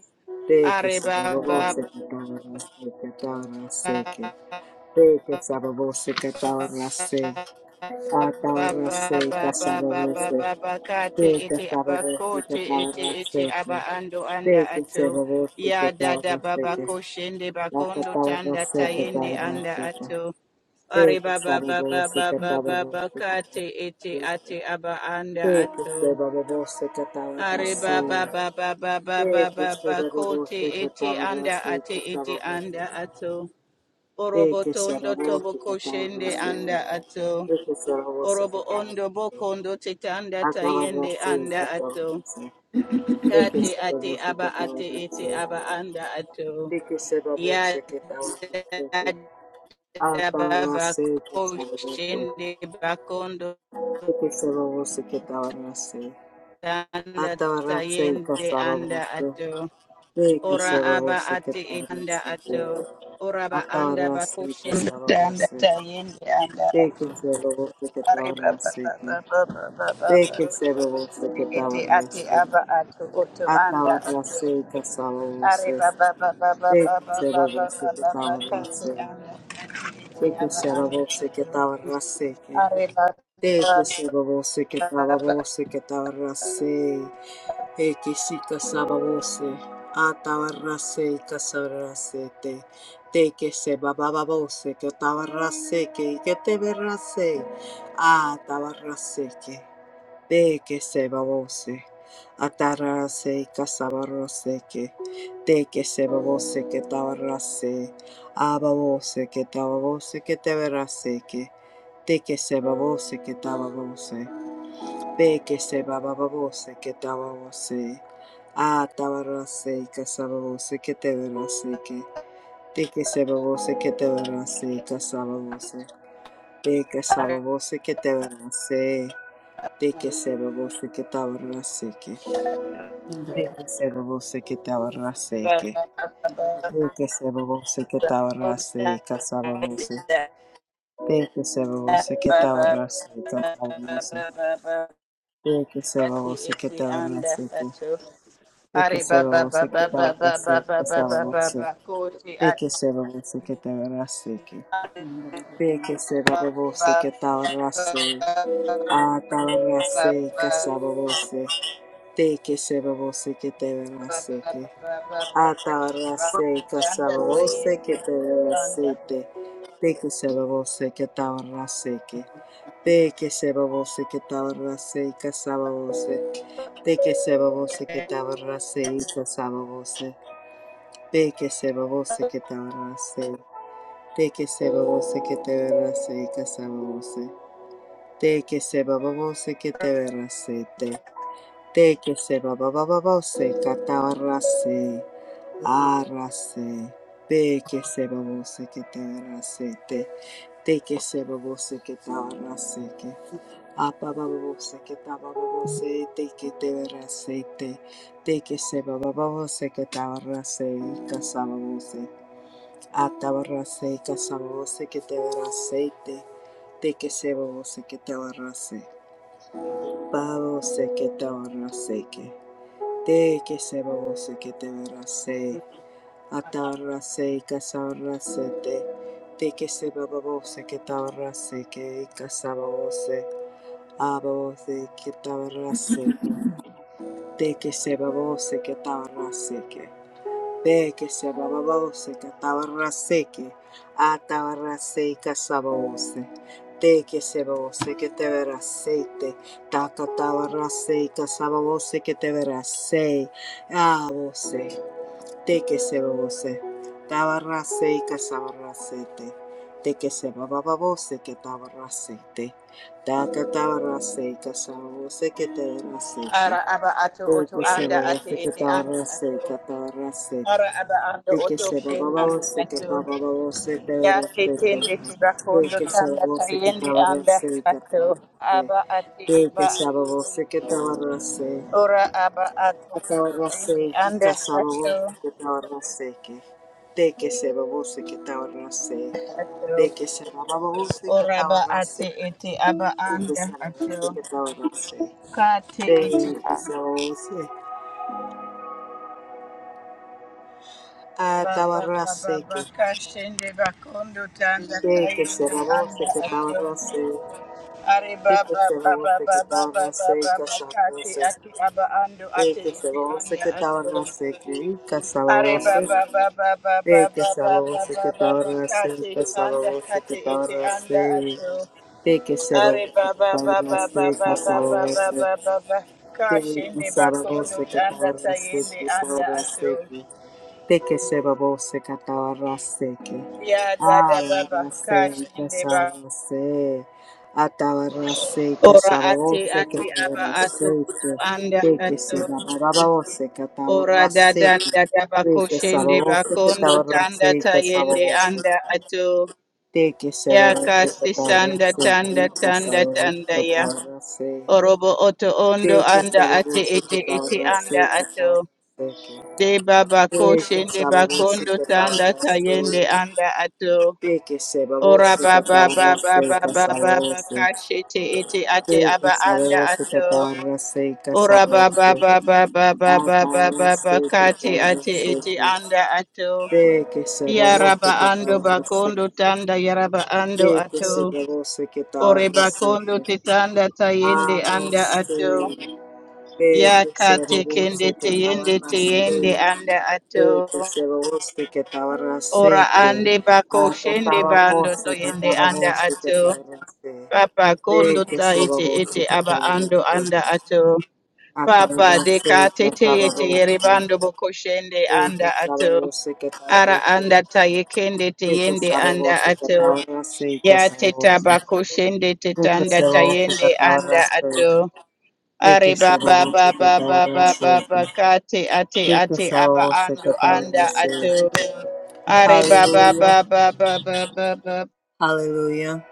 Speaker 1: de que
Speaker 2: Are
Speaker 1: se babó,
Speaker 2: baba
Speaker 1: se que babó, se que babó, se que de que se babó, se que babó, se a babó, se
Speaker 2: Baba,
Speaker 1: que se
Speaker 2: baba,
Speaker 1: babó,
Speaker 2: baba,
Speaker 1: se
Speaker 2: baba, kate, ba ba ba ka
Speaker 1: de
Speaker 2: te
Speaker 1: que se
Speaker 2: ete aba
Speaker 1: babó, se que
Speaker 2: ete
Speaker 1: babó, se
Speaker 2: ete
Speaker 1: que
Speaker 2: aba ando
Speaker 1: de
Speaker 2: anda
Speaker 1: que se
Speaker 2: ato
Speaker 1: babó, se que
Speaker 2: ya
Speaker 1: babó,
Speaker 2: dada
Speaker 1: se
Speaker 2: baba
Speaker 1: que
Speaker 2: ko shende
Speaker 1: la que
Speaker 2: bakondo
Speaker 1: babó,
Speaker 2: tanda
Speaker 1: se que
Speaker 2: tayende
Speaker 1: babó,
Speaker 2: anda
Speaker 1: se que
Speaker 2: ato
Speaker 1: de
Speaker 2: are
Speaker 1: que se
Speaker 2: baba
Speaker 1: babó,
Speaker 2: baba
Speaker 1: se que babó, se que
Speaker 2: baba
Speaker 1: babó,
Speaker 2: baba
Speaker 1: se
Speaker 2: kate, te ete ate aba anda
Speaker 1: Tem que ser
Speaker 2: ato
Speaker 1: bababosa que estava na
Speaker 2: are baba
Speaker 1: sonha.
Speaker 2: baba
Speaker 1: Tem
Speaker 2: baba
Speaker 1: que ser
Speaker 2: baba kote, ko
Speaker 1: bababosa que
Speaker 2: ete
Speaker 1: estava na
Speaker 2: anda ate ete anda
Speaker 1: sonha.
Speaker 2: ato
Speaker 1: Tem que ser
Speaker 2: orobotondo
Speaker 1: bababosa
Speaker 2: tobo
Speaker 1: que estava na
Speaker 2: koshende, anda
Speaker 1: sonha.
Speaker 2: ato
Speaker 1: Tem que ser bababosa
Speaker 2: Orobo
Speaker 1: que estava na
Speaker 2: ondo boko
Speaker 1: sonha.
Speaker 2: ondo tete anda
Speaker 1: Acaba na
Speaker 2: tayende
Speaker 1: sonha
Speaker 2: anda
Speaker 1: que estava
Speaker 2: ato.
Speaker 1: na sonha. Tem que
Speaker 2: Kate
Speaker 1: ser
Speaker 2: ate
Speaker 1: bababosa que
Speaker 2: aba
Speaker 1: estava na
Speaker 2: ate ete aba
Speaker 1: sonha.
Speaker 2: anda ato.
Speaker 1: Tem que ser
Speaker 2: Yada
Speaker 1: bababosa que estava na sonha. Acaba na
Speaker 2: baba
Speaker 1: sonha que estava na sonha.
Speaker 2: koshende bakondo
Speaker 1: Tem que ser bababosa que estava na sonha.
Speaker 2: anda
Speaker 1: Acaba na sonha que
Speaker 2: tayende
Speaker 1: estava na
Speaker 2: anda
Speaker 1: sonha.
Speaker 2: ato.
Speaker 1: Sei que
Speaker 2: Ora
Speaker 1: se va
Speaker 2: aba
Speaker 1: você que
Speaker 2: ate ete anda
Speaker 1: parece que
Speaker 2: ato. Ora ba anda
Speaker 1: agora sei que se
Speaker 2: bakoshende
Speaker 1: va
Speaker 2: anda
Speaker 1: você.
Speaker 2: tayende anda
Speaker 1: Sei
Speaker 2: ato.
Speaker 1: que se va você que
Speaker 2: Arriba ba ba
Speaker 1: parece
Speaker 2: ba
Speaker 1: que
Speaker 2: ba ba ba ba
Speaker 1: sei
Speaker 2: ba.
Speaker 1: que se va você que
Speaker 2: Iti ati
Speaker 1: parece.
Speaker 2: aba atu utu anda
Speaker 1: Agora
Speaker 2: ati.
Speaker 1: sei que se va você.
Speaker 2: Arriba ba ba ba ba
Speaker 1: Sei
Speaker 2: ba
Speaker 1: que
Speaker 2: ba
Speaker 1: se va
Speaker 2: ba ba
Speaker 1: você
Speaker 2: ba
Speaker 1: que
Speaker 2: ba ba kati
Speaker 1: parece.
Speaker 2: anda ati iti
Speaker 1: Sei que
Speaker 2: aba
Speaker 1: se va
Speaker 2: anda
Speaker 1: você que
Speaker 2: atu.
Speaker 1: parece.
Speaker 2: Arriba
Speaker 1: Te
Speaker 2: ba
Speaker 1: que
Speaker 2: ba
Speaker 1: se babose que
Speaker 2: ba
Speaker 1: tababose que tabarrase. E que si casababose. A tabarrase y casabrase te. Te que se bababose que tabarrase que que te verrase. A tabarrase que. Te que se babose, atarase casabarose que, de que se babose que tabarase, ababose que tababose que te verase que, de que se babose que tababose, te que se bababose que tababose, atabarase casababose que te verase que, de que se babose que te verase casababose, te que
Speaker 2: arriba
Speaker 1: sababose que te verase. De que se robó se que estaba raseque. De que se robó se que estaba
Speaker 2: ba
Speaker 1: raseque.
Speaker 2: ba ba ba ba ba.
Speaker 1: De que se robó se que
Speaker 2: Ba ba
Speaker 1: estaba
Speaker 2: ba ba
Speaker 1: raseque. Casábamos. De que se robó se que estaba raseque.
Speaker 2: ba ba
Speaker 1: Casábamos.
Speaker 2: ba ba
Speaker 1: De que se
Speaker 2: kati
Speaker 1: robó se que
Speaker 2: iti
Speaker 1: estaba
Speaker 2: anda
Speaker 1: raseque.
Speaker 2: atu.
Speaker 1: De que
Speaker 2: Are
Speaker 1: se
Speaker 2: ba ba
Speaker 1: robó
Speaker 2: ba
Speaker 1: se que
Speaker 2: ba
Speaker 1: estaba
Speaker 2: ba ba ba
Speaker 1: raseque.
Speaker 2: ba ba ba ba
Speaker 1: Casábamos.
Speaker 2: ba Koti
Speaker 1: De
Speaker 2: at
Speaker 1: que se robó se que estaba raseque. De que se
Speaker 2: ba
Speaker 1: robó
Speaker 2: ba
Speaker 1: se que
Speaker 2: ba
Speaker 1: estaba
Speaker 2: ba
Speaker 1: raseque.
Speaker 2: ba
Speaker 1: Ah, estaba
Speaker 2: ba ba
Speaker 1: raseque. Casábamos. De que se que estaba
Speaker 2: ba
Speaker 1: raseque.
Speaker 2: ba
Speaker 1: Atabarrase, casabarrose, que te
Speaker 2: anda
Speaker 1: derracete. De se babose, que tabarrase, que. De se babose, que tabarrase, casababose. De se babose, que tabarrase, y casababose. De que se babose, que tabarrase. De se babose, que te derrase, y casababose. De que se babose, que te derracete. De que se babababose, catabarrase. Arase, de que se babose que te arrasete, de que se babose que te arrasete, apa babose que te babose, de que te arrasete, de que se babose que te arrase y casababose, atabarrase y casababose que te arrasete, de que se babose que te arrase, babose que te arrasete, de que se babose que te arrase. Atarra se casarra se te, te que se babose que tabarra se que casabose, abose que tabarra se te, te que se babose que tabarra se que, te que se babose que tabarra se que, atabarra se casabose, te que se babose que te verá se taca tabarra se casabose que te verá se, abose de que se babose, tabarrase y casabarracete, de que se bababose que tabarracete, taca tabarrase y casabose que te
Speaker 2: ara
Speaker 1: darracete,
Speaker 2: aba ato
Speaker 1: de
Speaker 2: oto
Speaker 1: que se
Speaker 2: anda ate
Speaker 1: babose que
Speaker 2: ete anda
Speaker 1: tabarrase y
Speaker 2: ato
Speaker 1: catabarracete,
Speaker 2: ara aba ando
Speaker 1: de que
Speaker 2: oto
Speaker 1: se
Speaker 2: shen anda
Speaker 1: bababose que
Speaker 2: ato
Speaker 1: tababose te
Speaker 2: ya
Speaker 1: darracete,
Speaker 2: ketende
Speaker 1: de
Speaker 2: tibakondo
Speaker 1: que se
Speaker 2: tanda
Speaker 1: babose que
Speaker 2: tayende anda
Speaker 1: tabarrase y
Speaker 2: ato
Speaker 1: catabarracete,
Speaker 2: aba ate
Speaker 1: de que
Speaker 2: eba
Speaker 1: se
Speaker 2: ato
Speaker 1: babose que tabarrase
Speaker 2: Ora aba ato oto ende
Speaker 1: Atabarrase,
Speaker 2: anda
Speaker 1: kika sababose
Speaker 2: ato
Speaker 1: que tabarrase que, de que se babose que tabarrase, de
Speaker 2: ato.
Speaker 1: que se babose que
Speaker 2: Ora ba
Speaker 1: tabarrase,
Speaker 2: ate ete aba
Speaker 1: de que se
Speaker 2: anda
Speaker 1: babose
Speaker 2: ato.
Speaker 1: que tabarrase,
Speaker 2: Kate ete
Speaker 1: de que se babose,
Speaker 2: aba ba ba ba
Speaker 1: atabarrase
Speaker 2: ba
Speaker 1: que,
Speaker 2: kashende bakondo tanda
Speaker 1: de que se
Speaker 2: tayende
Speaker 1: babose
Speaker 2: anda
Speaker 1: que
Speaker 2: ato.
Speaker 1: tabarrase,
Speaker 2: Are
Speaker 1: de
Speaker 2: ba
Speaker 1: que
Speaker 2: ba
Speaker 1: se
Speaker 2: ba ba
Speaker 1: babose
Speaker 2: ba
Speaker 1: que
Speaker 2: ba ba ba
Speaker 1: tabarrase,
Speaker 2: ba ba kate
Speaker 1: casabose,
Speaker 2: ate aba ando
Speaker 1: de
Speaker 2: ate
Speaker 1: que se
Speaker 2: ete
Speaker 1: babose
Speaker 2: anda
Speaker 1: que
Speaker 2: ato.
Speaker 1: tabarrase, que
Speaker 2: Are ba
Speaker 1: casabose,
Speaker 2: ba ba ba ba ba
Speaker 1: Take
Speaker 2: ba ba ba
Speaker 1: Savos
Speaker 2: ba ba ba
Speaker 1: Katara Sita
Speaker 2: kate anda
Speaker 1: Savos
Speaker 2: kate ete
Speaker 1: Katara
Speaker 2: anda
Speaker 1: Say
Speaker 2: ato.
Speaker 1: Take a Savos
Speaker 2: Are ba ba ba
Speaker 1: Katara
Speaker 2: ba ba
Speaker 1: Sita
Speaker 2: ba ba ba
Speaker 1: Savos
Speaker 2: ba ba ba ba.
Speaker 1: Take
Speaker 2: Kashende
Speaker 1: Savos
Speaker 2: bakondo tanda
Speaker 1: Katara Sita
Speaker 2: tayende anda ato.
Speaker 1: Savos Teke seba bose katawara seke.
Speaker 2: Ya dada baba
Speaker 1: Awara se
Speaker 2: kashende ba.
Speaker 1: kasara se. Atawara se
Speaker 2: Ora
Speaker 1: kasaba
Speaker 2: ate
Speaker 1: bose
Speaker 2: ate
Speaker 1: katawara
Speaker 2: aba ato kutu
Speaker 1: seke.
Speaker 2: anda
Speaker 1: Teke
Speaker 2: ato.
Speaker 1: seba baba bose
Speaker 2: Ora
Speaker 1: katawara
Speaker 2: dada
Speaker 1: seke.
Speaker 2: dada
Speaker 1: Teke saba
Speaker 2: bakoshende
Speaker 1: bose
Speaker 2: bakondo
Speaker 1: katawara
Speaker 2: tanda
Speaker 1: se kasaba
Speaker 2: tayende
Speaker 1: bose.
Speaker 2: anda ato.
Speaker 1: Teke seba
Speaker 2: Ya
Speaker 1: bose
Speaker 2: kasi
Speaker 1: katawara
Speaker 2: sanda tanda
Speaker 1: seke.
Speaker 2: tanda
Speaker 1: Kasaba bose
Speaker 2: tanda ya.
Speaker 1: katawara se.
Speaker 2: Orobo oto ondo
Speaker 1: Teke
Speaker 2: anda
Speaker 1: seba
Speaker 2: ate
Speaker 1: bose
Speaker 2: ete ete
Speaker 1: katawara se
Speaker 2: anda
Speaker 1: katawara
Speaker 2: ato.
Speaker 1: seke.
Speaker 2: De baba
Speaker 1: Eka
Speaker 2: koshende
Speaker 1: sababusi
Speaker 2: bakondo tanda tayende
Speaker 1: katabarasi.
Speaker 2: anda ato.
Speaker 1: Eke
Speaker 2: Ora
Speaker 1: sababusi
Speaker 2: baba baba
Speaker 1: katabarasi
Speaker 2: baba baba
Speaker 1: kasababusi.
Speaker 2: kashete ete ate
Speaker 1: Eka
Speaker 2: aba anda
Speaker 1: sababusi
Speaker 2: ato.
Speaker 1: katabarasi
Speaker 2: Ora baba
Speaker 1: kasababusi.
Speaker 2: baba baba baba baba
Speaker 1: Atarasi
Speaker 2: kate ate ete
Speaker 1: katabarasi.
Speaker 2: anda ato.
Speaker 1: Eke sababusi
Speaker 2: Yaraba ando
Speaker 1: katabarasi.
Speaker 2: bakondo tanda yaraba ando
Speaker 1: Eke
Speaker 2: ato.
Speaker 1: sababusi
Speaker 2: Ore
Speaker 1: katabarasi.
Speaker 2: bakondo te tanda tayende anda ato.
Speaker 1: Arasi.
Speaker 2: Ya
Speaker 1: Eke
Speaker 2: kate kende
Speaker 1: sababusi
Speaker 2: teyende teyende
Speaker 1: katabarasi.
Speaker 2: anda ato.
Speaker 1: Sei que se você que estava
Speaker 2: Ora
Speaker 1: aceite,
Speaker 2: ande bako shende
Speaker 1: cantava
Speaker 2: bando to
Speaker 1: você,
Speaker 2: yende
Speaker 1: cantava
Speaker 2: anda
Speaker 1: você que
Speaker 2: ato.
Speaker 1: estava aceite.
Speaker 2: Papa
Speaker 1: Sei
Speaker 2: kondo
Speaker 1: que
Speaker 2: ta
Speaker 1: se
Speaker 2: ete
Speaker 1: você
Speaker 2: ete
Speaker 1: que
Speaker 2: aba
Speaker 1: estava
Speaker 2: ando anda
Speaker 1: aceite,
Speaker 2: ato. Papa
Speaker 1: atava
Speaker 2: deka
Speaker 1: aceite,
Speaker 2: tete
Speaker 1: atava
Speaker 2: ete
Speaker 1: você.
Speaker 2: yeribando boko shende
Speaker 1: Sei que
Speaker 2: anda
Speaker 1: estava
Speaker 2: ato.
Speaker 1: você que estava
Speaker 2: Ara anda
Speaker 1: aceite,
Speaker 2: ta yekende te
Speaker 1: sei que
Speaker 2: yende
Speaker 1: estava
Speaker 2: anda
Speaker 1: você que
Speaker 2: ato.
Speaker 1: estava aceite,
Speaker 2: Ya
Speaker 1: estava
Speaker 2: teta
Speaker 1: você.
Speaker 2: bako shende
Speaker 1: Sei que se
Speaker 2: tetanda ta
Speaker 1: você que
Speaker 2: yende
Speaker 1: estava
Speaker 2: anda
Speaker 1: aceite,
Speaker 2: ato.
Speaker 1: sei
Speaker 2: Are
Speaker 1: que se
Speaker 2: baba
Speaker 1: você que estava aceite, sei que
Speaker 2: baba
Speaker 1: estava
Speaker 2: baba
Speaker 1: você
Speaker 2: baba kate ate ate aba
Speaker 1: que
Speaker 2: ando
Speaker 1: estava
Speaker 2: anda ato.
Speaker 1: aceite.
Speaker 2: Are ba ba ba
Speaker 1: Hallelujah.
Speaker 2: ba ba ba ba ba
Speaker 1: Hallelujah.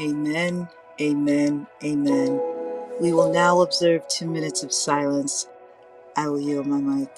Speaker 1: Amen. Amen. Amen. We will now observe two minutes of silence. I will yield my mic.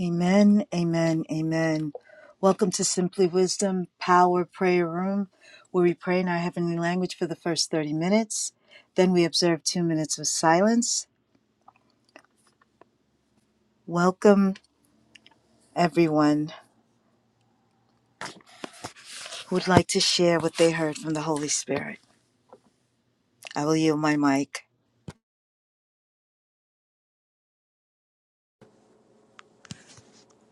Speaker 1: Amen. Amen. Amen. Welcome to Simply Wisdom Power Prayer Room, where we pray in our heavenly language for the first 30 minutes. Then we observe two minutes of silence. Welcome, everyone who would like to share what they heard from the Holy Spirit. I will yield my mic.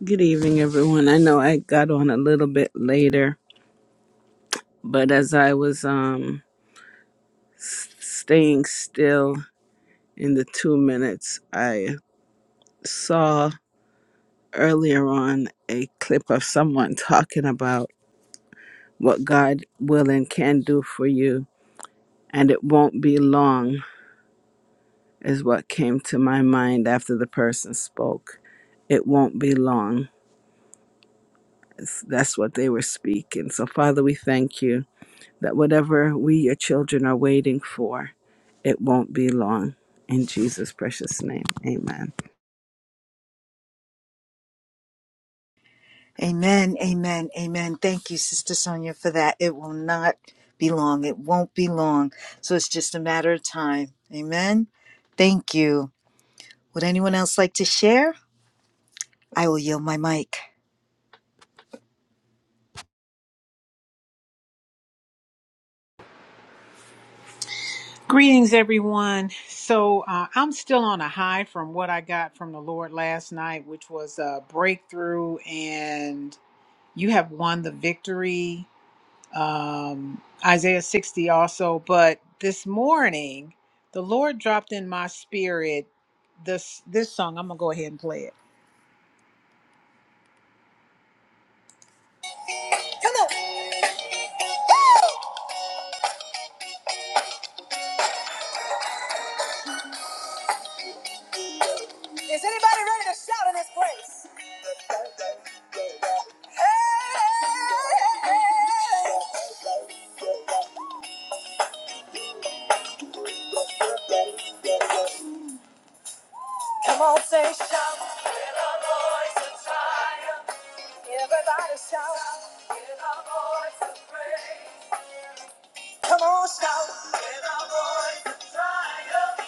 Speaker 3: Good evening, everyone. I know I got on a little bit later, but as I was um, staying still in the two minutes, I saw earlier on a clip of someone talking about what God will and can do for you, and it won't be long, is what came to my mind after the person spoke. It won't be long. It's, that's what they were speaking. So, Father, we thank you that whatever we, your children, are waiting for, it won't be long. In Jesus' precious name, amen.
Speaker 1: Amen, amen, amen. Thank you, Sister Sonia, for that. It will not be long. It won't be long. So it's just a matter of time. Amen. Thank you. Would anyone else like to share? I will yield my mic.
Speaker 4: Greetings, everyone. So, uh, I'm still on a high from what I got from the Lord last night, which was a breakthrough, and you have won the victory. Um, Isaiah 60 also. But this morning, the Lord dropped in my spirit this this song. I'm going to go ahead and play it. Come on. Woo! Is anybody ready to shout in this place? Hey! Come on, say shout. With a voice of triumph. Everybody shout. With a voice of praise. Come on, shout. With a voice of triumph.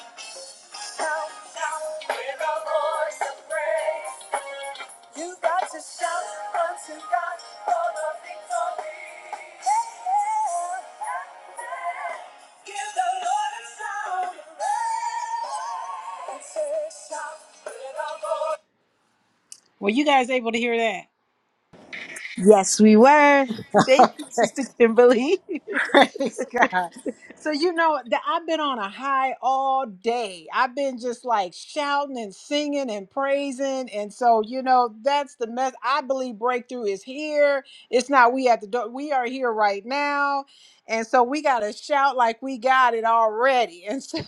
Speaker 4: Shout, shout. With a voice of praise. You got to shout unto God for the victory. Yeah. Give the Lord a shout. And say, shout. with a voice. Were you guys able to hear that?
Speaker 1: Yes, we were. Thank you,
Speaker 4: Okay,
Speaker 1: Sister Kimberly.
Speaker 4: praise God. So you know that I've been on a high all day. I've been just like shouting and singing and praising, and so you know that's the mess. I believe breakthrough is here. It's not we at the door. We are here right now, and so we gotta shout like we got it already. And so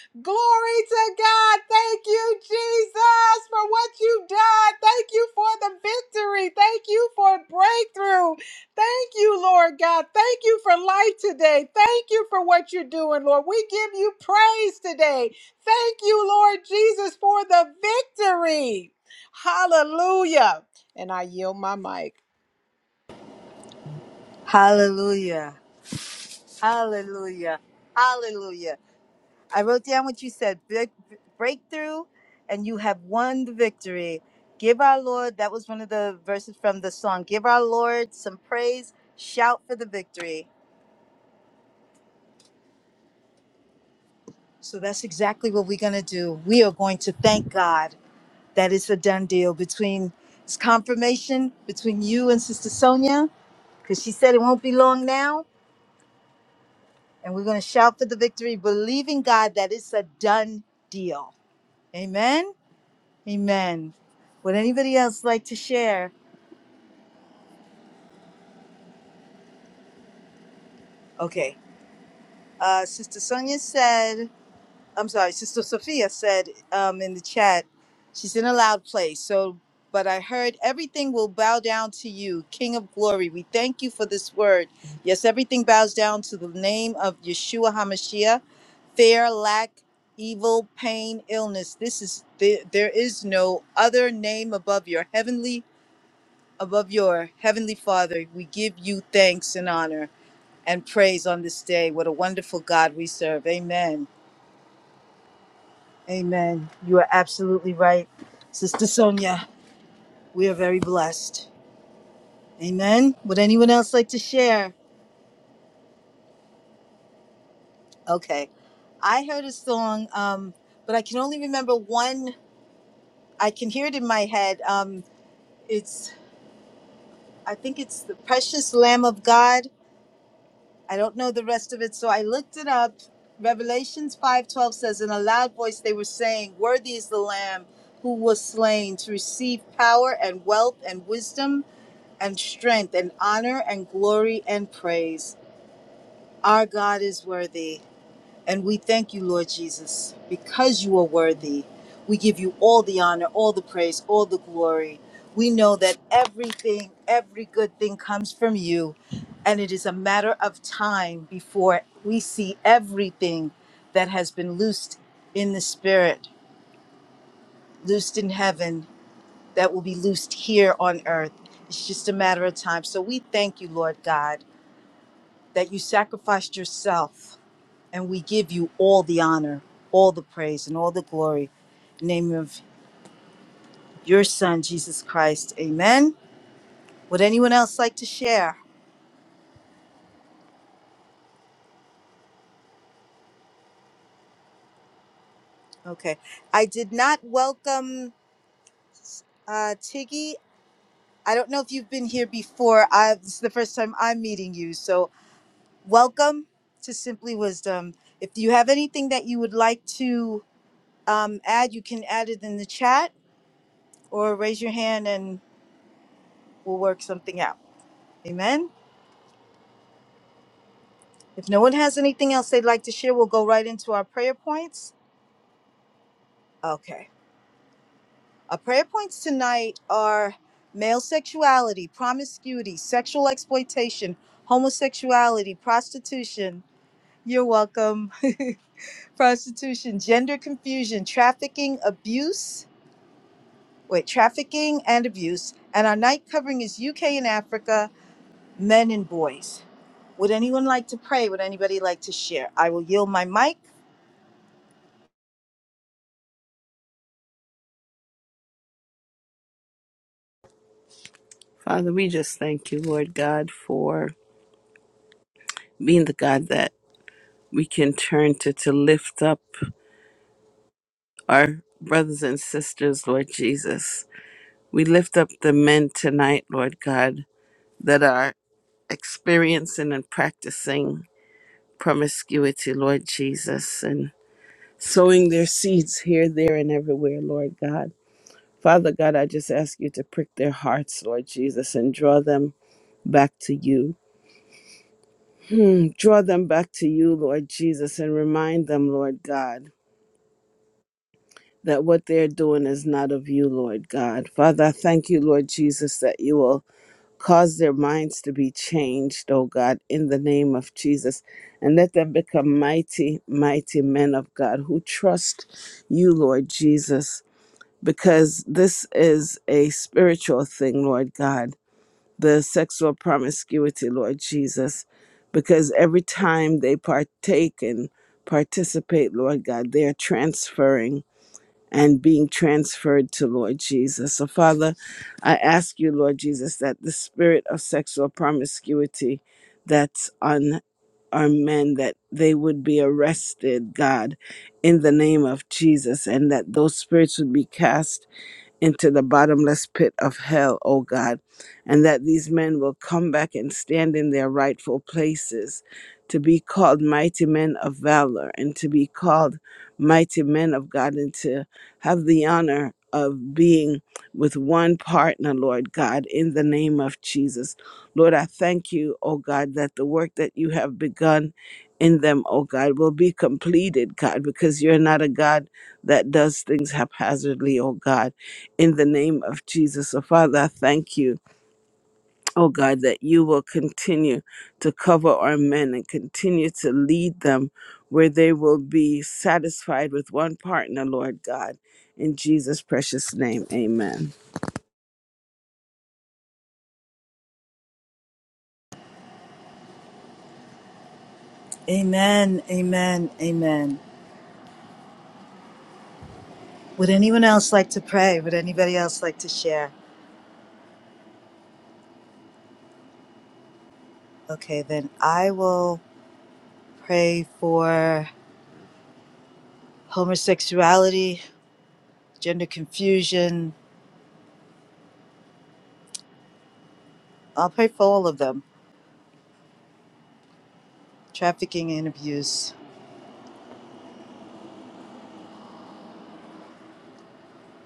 Speaker 4: glory to God. Thank you, Jesus, for what you've done. Thank you for the victory. Thank you for breakthrough. Thank you, Lord God. Thank you for life today. Thank you for what you're doing, Lord. We give you praise today. Thank you, Lord Jesus, for the victory. Hallelujah. And I yield my mic.
Speaker 1: Hallelujah. Hallelujah. Hallelujah. I wrote down what you said break, breakthrough, and you have won the victory. Give our Lord, that was one of the verses from the song. Give our Lord some praise, shout for the victory. So that's exactly what we're going to do. We are going to thank God that it's a done deal between it's confirmation between you and Sister Sonia, because she said it won't be long now. And we're going to shout for the victory, believing God that it's a done deal. Amen. Amen. Would anybody else like to share? Okay. Uh, Sister Sonia said, I'm sorry, Sister Sophia said um, in the chat, she's in a loud place. So, but I heard everything will bow down to you, King of glory. We thank you for this word. Yes, everything bows down to the name of Yeshua HaMashiach, fear, lack, evil, pain, illness. This is, there, there is no other name above your heavenly, above your heavenly Father. We give you thanks and honor and praise on this day. What a wonderful God we serve. Amen. Amen. You are absolutely right, Sister Sonia. We are very blessed. Amen. Would anyone else like to share? Okay. I heard a song, um, but I can only remember one. I can hear it in my head. Um, it's, I think it's the Precious Lamb of God. I don't know the rest of it, so I looked it up. Revelations 5:12 says in a loud voice they were saying, "Worthy is the lamb who was slain to receive power and wealth and wisdom and strength and honor and glory and praise. Our God is worthy." And we thank you, Lord Jesus, because you are worthy. We give you all the honor, all the praise, all the glory. We know that everything, every good thing comes from you. And it is a matter of time before we see everything that has been loosed in the spirit, loosed in heaven, that will be loosed here on earth. It's just a matter of time. So we thank you, Lord God, that you sacrificed yourself and we give you all the honor, all the praise, and all the glory. In the name of your Son, Jesus Christ. Amen. Would anyone else like to share? Okay. I did not welcome uh, Tiggy. I don't know if you've been here before. I, this is the first time I'm meeting you. So, welcome to Simply Wisdom. If you have anything that you would like to um, add, you can add it in the chat or raise your hand and we'll work something out. Amen. If no one has anything else they'd like to share, we'll go right into our prayer points. Okay. Our prayer points tonight are male sexuality, promiscuity, sexual exploitation, homosexuality, prostitution. You're welcome. prostitution, gender confusion, trafficking, abuse. Wait, trafficking and abuse. And our night covering is UK and Africa, men and boys. Would anyone like to pray? Would anybody like to share? I will yield my mic
Speaker 3: Father, we just thank you, Lord God, for being the God that we can turn to to lift up our brothers and sisters, Lord Jesus. We lift up the men tonight, Lord God, that are experiencing and practicing promiscuity, Lord Jesus, and sowing their seeds here, there, and everywhere, Lord God. Father God, I just ask you to prick their hearts, Lord Jesus, and draw them back to you. Hmm, Draw them back to you, Lord Jesus, and remind them, Lord God, that what they're doing is not of you, Lord God. Father, I thank you, Lord Jesus, that you will cause their minds to be changed, oh God, in the name of Jesus, and let them become mighty, mighty men of God who trust you, Lord Jesus, because this is a spiritual thing, Lord God the sexual promiscuity, Lord Jesus, because every time they partake and participate, Lord God, they are transferring and being transferred to Lord Jesus. So, Father, I ask you, Lord Jesus, that the spirit of sexual promiscuity that's on our men, that they would be arrested, God, in the name of Jesus, and that those spirits would be cast into the bottomless pit of hell, O God, and that these men will come back and stand in their rightful places to be called mighty men of valor and to be called mighty men of God and to have the honor of being with one partner, Lord God, in the name of Jesus. Lord, I thank you, O God, that the work that you have begun in them, O God, will be completed, God, because you're not a God that does things haphazardly, O God in the name of Jesus. So, Father, I thank you, oh God, that you will continue to cover our men and continue to lead them where they will be satisfied with one partner, Lord God. In Jesus' precious name, amen.
Speaker 1: Amen. Amen. Amen. Would anyone else like to pray? Would anybody else like to share? Okay, then I will pray for homosexuality, gender confusion. I'll pray for all of them, trafficking and abuse.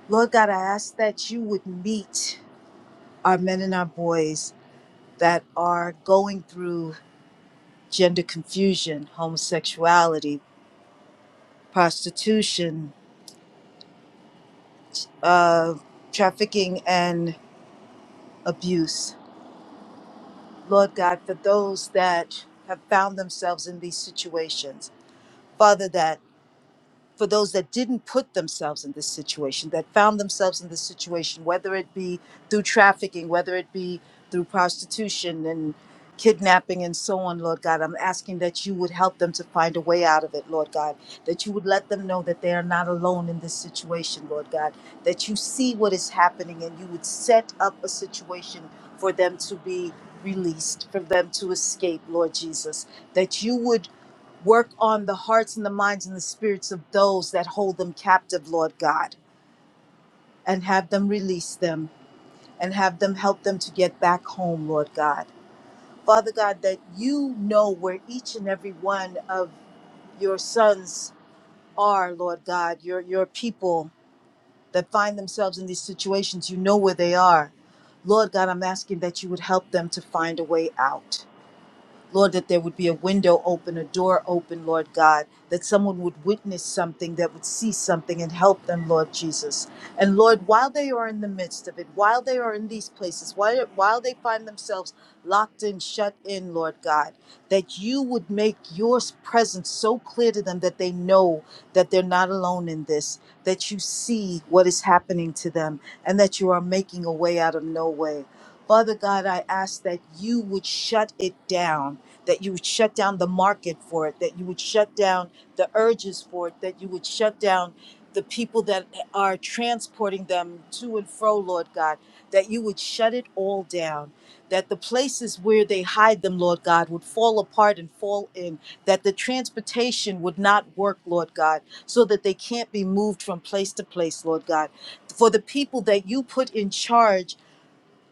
Speaker 1: Lord God, I ask that you would meet our men and our boys that are going through gender confusion, homosexuality, prostitution, uh, trafficking, and abuse. Lord God, for those that have found themselves in these situations. Father, that for those that didn't put themselves in this situation, that found themselves in this situation, whether it be through trafficking, whether it be through prostitution and kidnapping and so on, Lord God. I'm asking that you would help them to find a way out of it, Lord God, that you would let them know that they are not alone in this situation, Lord God, that you see what is happening and you would set up a situation for them to be released, for them to escape, Lord Jesus, that you would. Work on the hearts and the minds and the spirits of those that hold them captive, Lord God, and have them release them and have them help them to get back home, Lord God. Father God, that you know where each and every one of your sons are, Lord God, your, your people that find themselves in these situations, you know where they are. Lord God, I'm asking that you would help them to find a way out. Lord, that there would be a window open, a door open, Lord God, that someone would witness something, that would see something and help them, Lord Jesus. And Lord, while they are in the midst of it, while they are in these places, while, while they find themselves locked in, shut in, Lord God, that you would make your presence so clear to them that they know that they're not alone in this, that you see what is happening to them, and that you are making a way out of no way. Father God, I ask that you would shut it down that you would shut down the market for it, that you would shut down the urges for it, that you would shut down the people that are transporting them to and fro, Lord God, that you would shut it all down, that the places where they hide them, Lord God, would fall apart and fall in, that the transportation would not work, Lord God, so that they can't be moved from place to place, Lord God. For the people that you put in charge,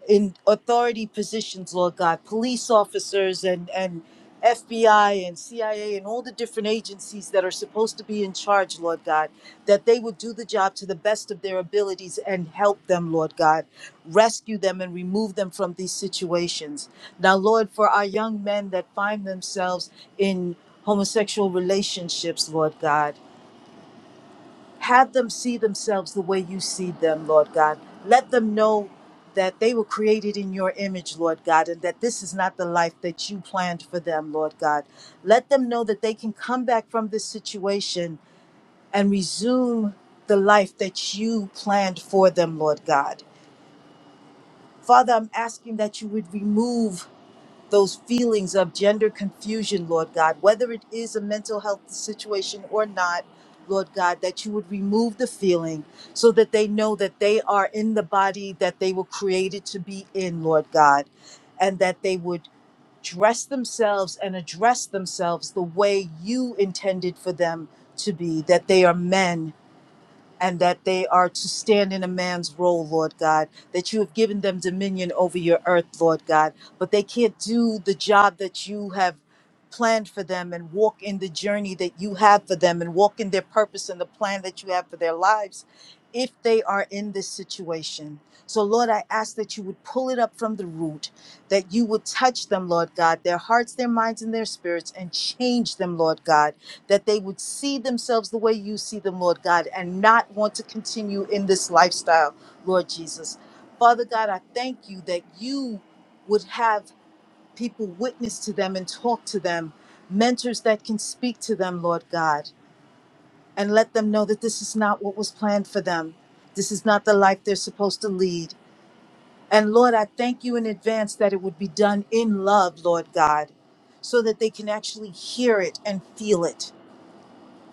Speaker 1: in authority positions, Lord God, police officers and, and FBI and CIA and all the different agencies that are supposed to be in charge, Lord God, that they would do the job to the best of their abilities and help them, Lord God, rescue them and remove them from these situations. Now, Lord, for our young men that find themselves in homosexual relationships, Lord God, have them see themselves the way you see them, Lord God. Let them know that they were created in your image, Lord God, and that this is not the life that you planned for them, Lord God. Let them know that they can come back from this situation and resume the life that you planned for them, Lord God. Father, I'm asking that you would remove those feelings of gender confusion, Lord God, whether it is a mental health situation or not, Lord God, that you would remove the feeling so that they know that they are in the body that they were created to be in, Lord God, and that they would dress themselves and address themselves the way you intended for them to be, that they are men and that they are to stand in a man's role, Lord God, that you have given them dominion over your earth, Lord God, but they can't do the job that you have planned for them and walk in the journey that you have for them and walk in their purpose and the plan that you have for their lives if they are in this situation. So, Lord, I ask that you would pull it up from the root, that you would touch them, Lord God, their hearts, their minds, and their spirits, and change them, Lord God that they would see themselves the way you see them, Lord God, and not want to continue in this lifestyle, Lord Jesus. Father God, I thank you that you would have people witness to them and talk to them, mentors that can speak to them, Lord God, and let them know that this is not what was planned for them. This is not the life they're supposed to lead. And Lord, I thank you in advance that it would be done in love, Lord God, so that they can actually hear it and feel it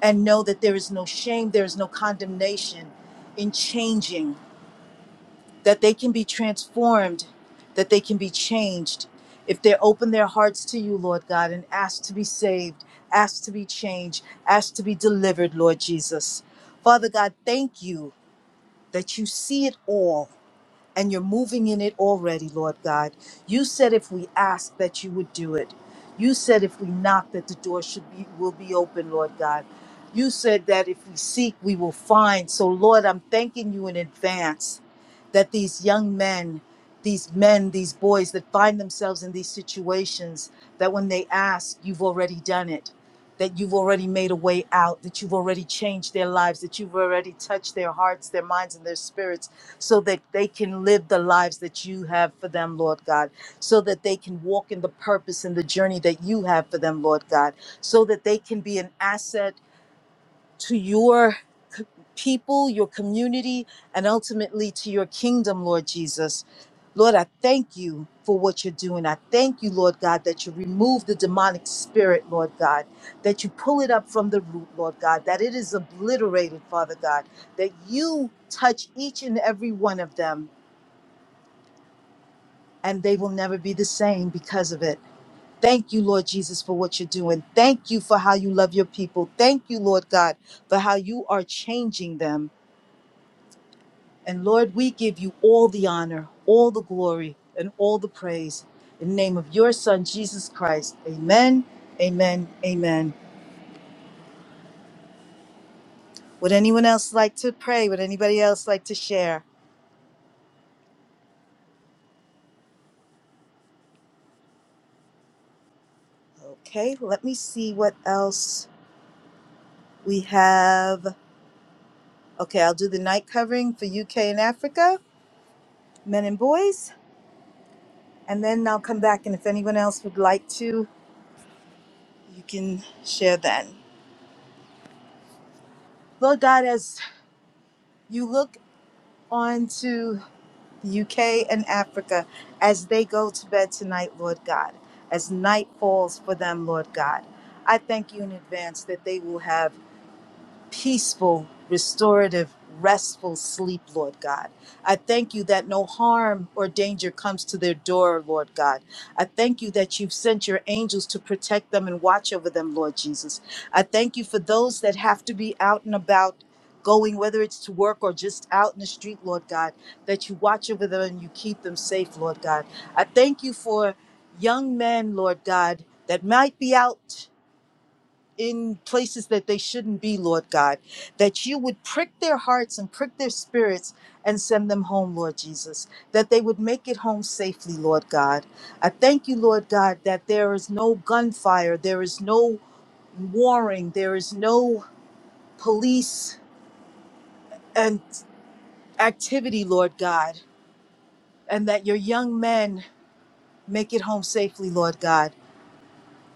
Speaker 1: and know that there is no shame, there is no condemnation in changing, that they can be transformed, that they can be changed. If they open their hearts to you, Lord God, and ask to be saved, ask to be changed, ask to be delivered, Lord Jesus. Father God, thank you that you see it all and you're moving in it already, Lord God. You said if we ask that you would do it. You said if we knock that the door should be will be open, Lord God. You said that if we seek, we will find. So Lord, I'm thanking you in advance that these young men, these men, these boys that find themselves in these situations, that when they ask, you've already done it. That you've already made a way out, that you've already changed their lives, that you've already touched their hearts, their minds, and their spirits so that they can live the lives that you have for them, Lord God, so that they can walk in the purpose and the journey that you have for them, Lord God, so that they can be an asset to your c- people, your community, and ultimately to your kingdom, Lord Jesus. Lord, I thank you for what you're doing. I thank you, Lord God, that you remove the demonic spirit, Lord God, that you pull it up from the root, Lord God, that it is obliterated, Father God, that you touch each and every one of them, and they will never be the same because of it. Thank you, Lord Jesus, for what you're doing. Thank you for how you love your people. Thank you, Lord God, for how you are changing them. And Lord, we give you all the honor, all the glory, and all the praise. In the name of your Son, Jesus Christ. Amen, amen, amen. Would anyone else like to pray? Would anybody else like to share? Okay, let me see what else we have. Okay, I'll do the night covering for UK and Africa, men and boys, and then I'll come back. And if anyone else would like to, you can share then. Lord God, as you look on to UK and Africa as they go to bed tonight, Lord God, as night falls for them, Lord God. I thank you in advance that they will have peaceful, restorative, restful sleep, Lord God. I thank you that no harm or danger comes to their door, Lord God. I thank you that you've sent your angels to protect them and watch over them, Lord Jesus. I thank you for those that have to be out and about. Going, whether it's to work or just out in the street, Lord God, that you watch over them and you keep them safe, Lord God. I thank you for young men, Lord God, that might be out in places that they shouldn't be, Lord God, that you would prick their hearts and prick their spirits and send them home, Lord Jesus, that they would make it home safely, Lord God. I thank you, Lord God, that there is no gunfire, there is no warring, there is no police and activity, Lord God, and that your young men make it home safely, Lord God.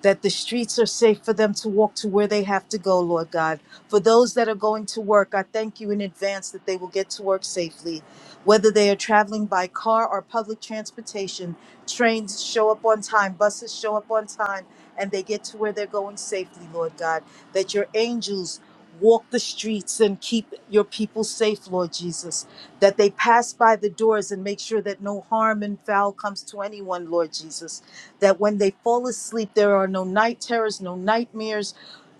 Speaker 1: that the streets are safe for them to walk to where they have to go, Lord God. For those that are going to work, I thank you in advance that they will get to work safely. Whether they are traveling by car or public transportation, trains show up on time, buses show up on time, and they get to where they're going safely, Lord God. That your angels walk the streets and keep your people safe, Lord Jesus. That they pass by the doors and make sure that no harm and foul comes to anyone, Lord Jesus that when they fall asleep, there are no night terrors, no nightmares,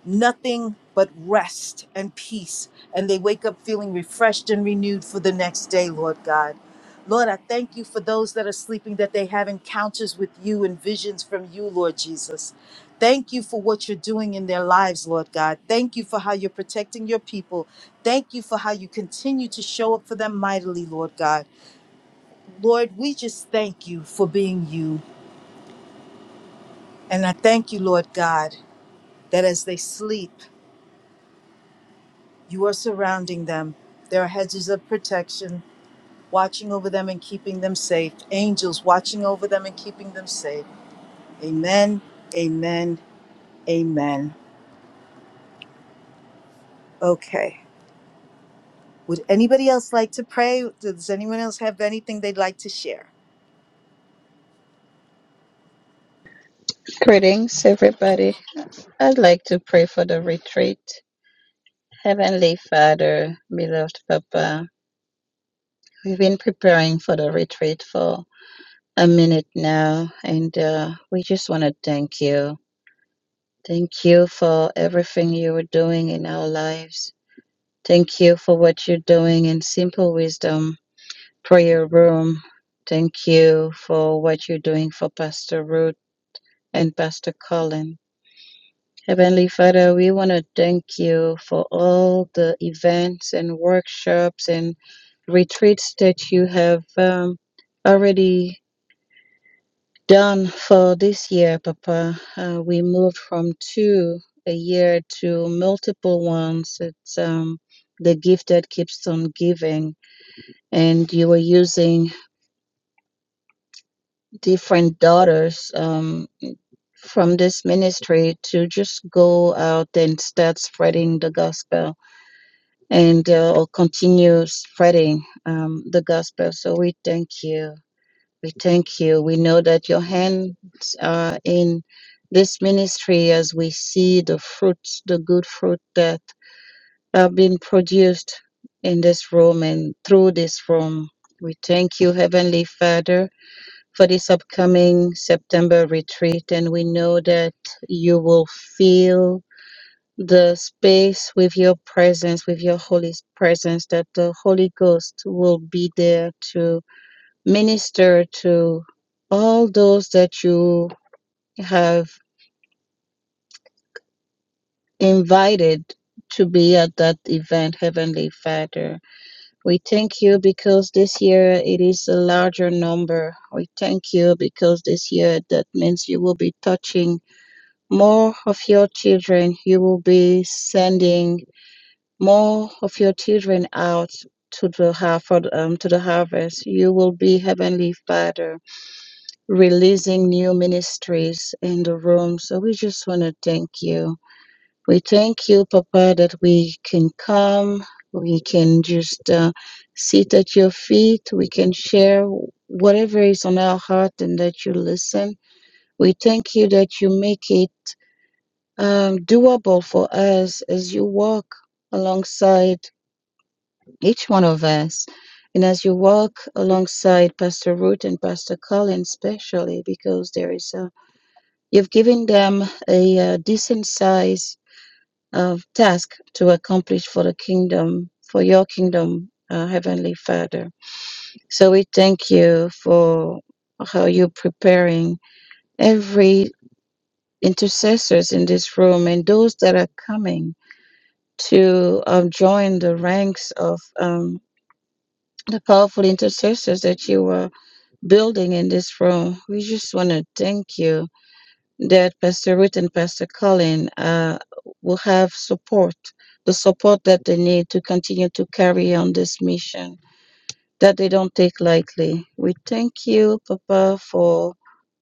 Speaker 1: nothing but rest and peace. And they wake up feeling refreshed and renewed for the next day, Lord God. Lord, I thank you for those that are sleeping, that they have encounters with you and visions from you, Lord Jesus. Thank you for what you're doing in their lives, Lord God. Thank you for how you're protecting your people. Thank you for how you continue to show up for them mightily, Lord God. Lord, we just thank you for being you. And I thank you, Lord God, that as they sleep, you are surrounding them. There are hedges of protection, watching over them and keeping them safe. Angels watching over them and keeping them safe. Amen, amen, amen. Okay. Would anybody else like to pray? Does anyone else have anything they'd like to share?
Speaker 2: Greetings, everybody. I'd like to pray for the retreat. Heavenly Father, beloved Papa, we've been preparing for the retreat for a minute now, and uh, we just want to thank you. Thank you for everything you are doing in our lives. Thank you for what you're doing in Simple Wisdom Prayer Room. Thank you for what you're doing for Pastor Ruth and Pastor Colin. Heavenly Father, we want to thank you for all the events and workshops and retreats that you have um, already done for this year, Papa. Uh, we moved from two a year to multiple ones. It's um, the gift that keeps on giving, and you were using different daughters. Um, from this ministry to just go out and start spreading the gospel and uh, continue spreading um, the gospel. So we thank you. We thank you. We know that your hands are in this ministry as we see the fruits, the good fruit that have been produced in this room and through this room. We thank you, Heavenly Father, for this upcoming September retreat. And we know that you will fill the space with your presence, with your Holy presence, that the Holy Ghost will be there to minister to all those that you have invited to be at that event, Heavenly Father. We thank you because this year it is a larger number. We thank you because this year that means you will be touching more of your children. You will be sending more of your children out to the har- for the- um, to the harvest. You will be heavenly Father, releasing new ministries in the room. So we just want to thank you. We thank you, Papa, that we can come. We can just uh, sit at your feet. We can share whatever is on our heart, and that you listen. We thank you that you make it um, doable for us as you walk alongside each one of us. And as you walk alongside Pastor Ruth and Pastor Colin, especially because there is a, you've given them a, uh decent size of task to accomplish for the kingdom, for your kingdom, uh, Heavenly Father. So we thank you for how you're preparing every intercessors in this room and those that are coming to um, join the ranks of um, the powerful intercessors that you are building in this room. We just want to thank you that Pastor Ruth and Pastor Colin uh, will have support, the support that they need to continue to carry on this mission that they don't take lightly. We thank you, Papa, for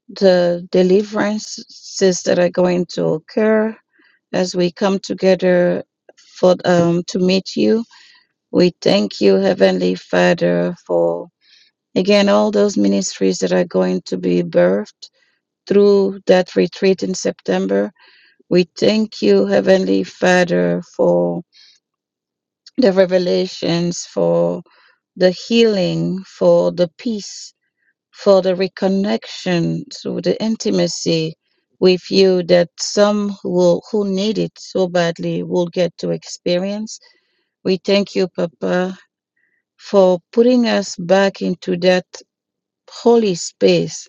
Speaker 2: the deliverances that are going to occur as we come together for um, to meet you. We thank you, Heavenly Father, for Again, all those ministries that are going to be birthed through that retreat in September, we thank you, Heavenly Father, for the revelations, for the healing, for the peace, for the reconnection through the intimacy with you that some will, who need it so badly will get to experience. We thank you, Papa, for putting us back into that holy space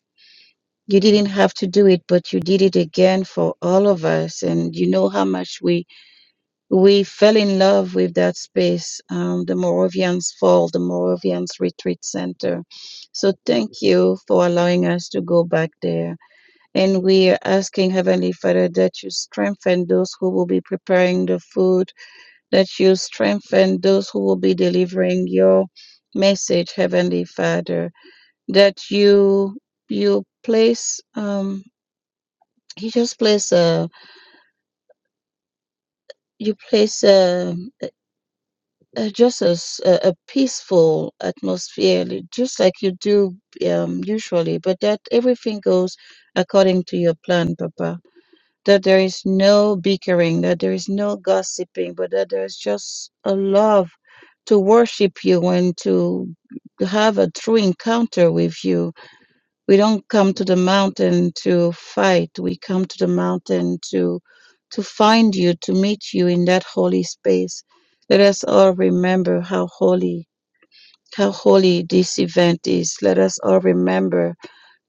Speaker 2: You didn't have to do it, but you did it again for all of us. And you know how much we we fell in love with that space, um, the Moravians Fall, the Moravians Retreat Center. So thank you for allowing us to go back there. And we are asking Heavenly Father that you strengthen those who will be preparing the food, that you strengthen those who will be delivering your message, Heavenly Father, that you you place um, he just plays a you place a, a just a, s- a- a peaceful atmosphere li- just like you do um, usually but that everything goes according to your plan papa that there is no bickering that there is no gossiping but that there is just a love to worship you and to have a true encounter with you we don't come to the mountain to fight we come to the mountain to to find you to meet you in that holy space let us all remember how holy how holy this event is let us all remember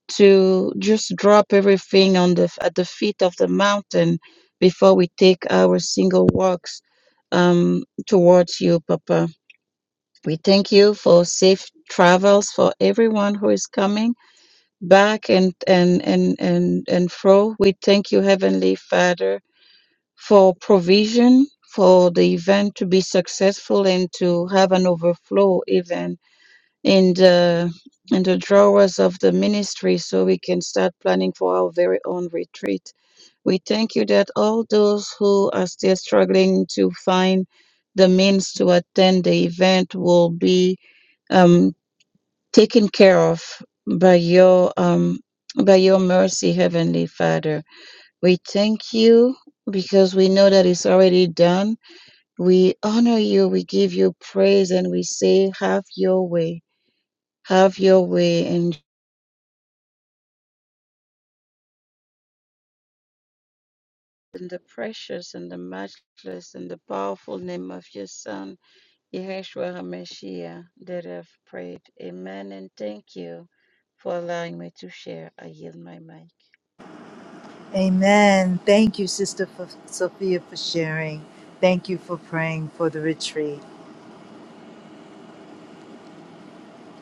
Speaker 2: to just drop everything on the at the feet of the mountain before we take our single walks um, towards you papa we thank you for safe travels for everyone who is coming back and and and and and fro. We thank you, Heavenly Father, for provision for the event to be successful and to have an overflow even in the in the drawers of the ministry so we can start planning for our very own retreat. We thank you that all those who are still struggling to find the means to attend the event will be um taken care of by your um by your mercy heavenly father we thank you because we know that it's already done we honor you we give you praise and we say have your way have your way in in the precious and the matchless and the powerful name of your son Yeshua HaMashiach that I've prayed amen and thank you for allowing me to share I yield my mic
Speaker 1: Amen. Thank you, Sister F- Sophia, for sharing. Thank you for praying for the retreat.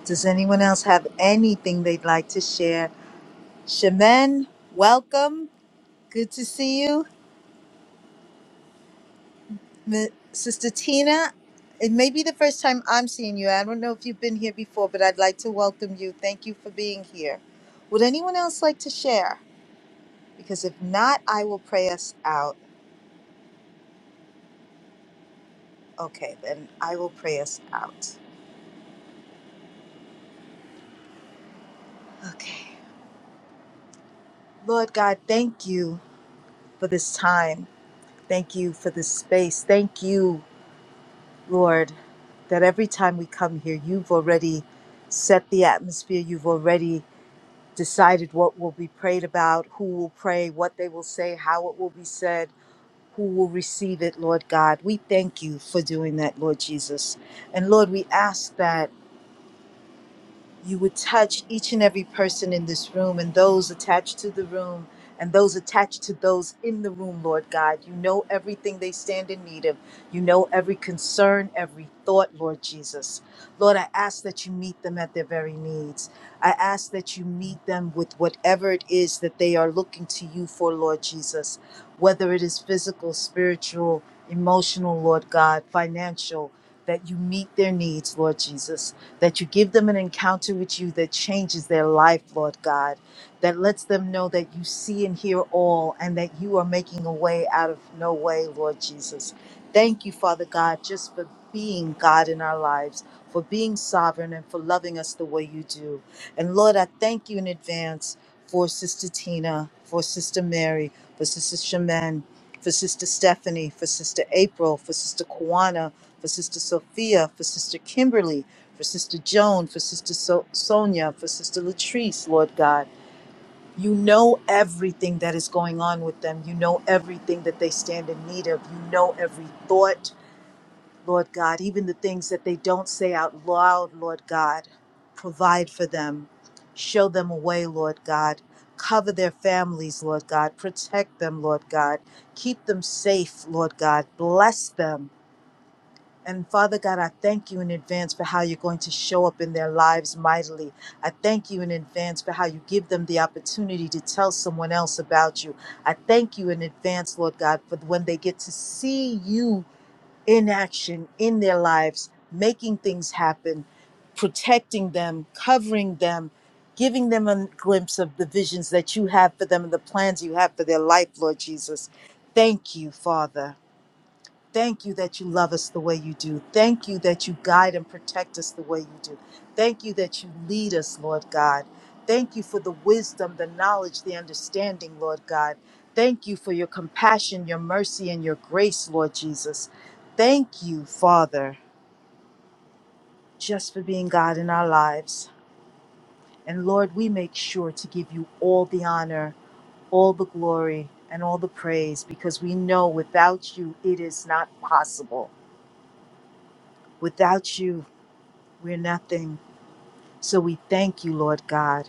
Speaker 1: Does anyone else have anything they'd like to share? Shemen, welcome. Good to see you. M- Sister Tina, it may be the first time I'm seeing you. I don't know if you've been here before, but I'd like to welcome you. Thank you for being here. Would anyone else like to share? Because if not, I will pray us out. Okay, then I will pray us out. Okay. Lord God, thank you for this time. Thank you for this space. Thank you, Lord, that every time we come here, you've already set the atmosphere. You've already decided what will be prayed about, who will pray, what they will say, how it will be said, who will receive it, Lord God. We thank you for doing that, Lord Jesus. And Lord, we ask that you would touch each and every person in this room and those attached to the room and those attached to those in the room, Lord God. You know everything they stand in need of. You know every concern, every thought, Lord Jesus. Lord, I ask that you meet them at their very needs. I ask that you meet them with whatever it is that they are looking to you for, Lord Jesus, whether it is physical, spiritual, emotional, Lord God, financial, that you meet their needs, Lord Jesus that you give them an encounter with you that changes their life, Lord God, that lets them know that you see and hear all and that you are making a way out of no way, Lord Jesus. Thank you, Father God, just for being God in our lives, for being sovereign, and for loving us the way you do. And Lord, I thank you in advance for Sister Tina, for Sister Mary, for Sister Shaman, for Sister Stephanie, for Sister April, for Sister Kwana, for Sister Sophia, for Sister Kimberly, for Sister Joan, for Sister so- Sonia, for Sister Latrice, Lord God. You know everything that is going on with them. You know everything that they stand in need of. You know every thought, Lord God, even the things that they don't say out loud, Lord God. Provide for them. Show them a way, Lord God. Cover their families, Lord God. Protect them, Lord God. Keep them safe, Lord God. Bless them. And Father God, I thank you in advance for how you're going to show up in their lives mightily. I thank you in advance for how you give them the opportunity to tell someone else about you. I thank you in advance, Lord God, for when they get to see you in action in their lives, making things happen, protecting them, covering them, giving them a glimpse of the visions that you have for them and the plans you have for their life, Lord Jesus. Thank you, Father. Thank you that you love us the way you do. Thank you that you guide and protect us the way you do. Thank you that you lead us, Lord God. Thank you for the wisdom, the knowledge, the understanding, Lord God. Thank you for your compassion, your mercy, and your grace, Lord Jesus. Thank you, Father, just for being God in our lives. And Lord, we make sure to give you all the honor, all the glory, and all the praise because we know without you it is not possible. Without you, We're nothing. So we thank you, Lord God,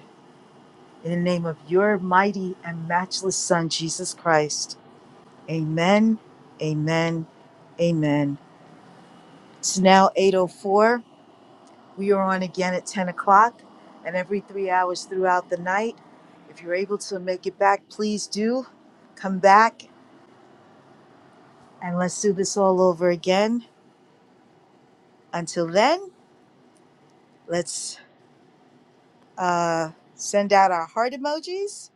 Speaker 1: in the name of your mighty and matchless Son, Jesus Christ. Amen, amen, amen. It's now 8.04. We are on again at 10 o'clock and every three hours throughout the night. If you're able to make it back, please do. Come back and let's do this all over again. Until then, let's uh, send out our heart emojis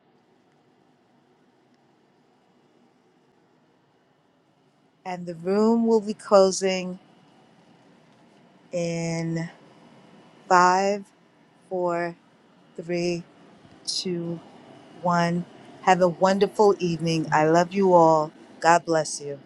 Speaker 1: and the room will be closing in Five, four, three, two, one. Have a wonderful evening. I love you all. God bless you.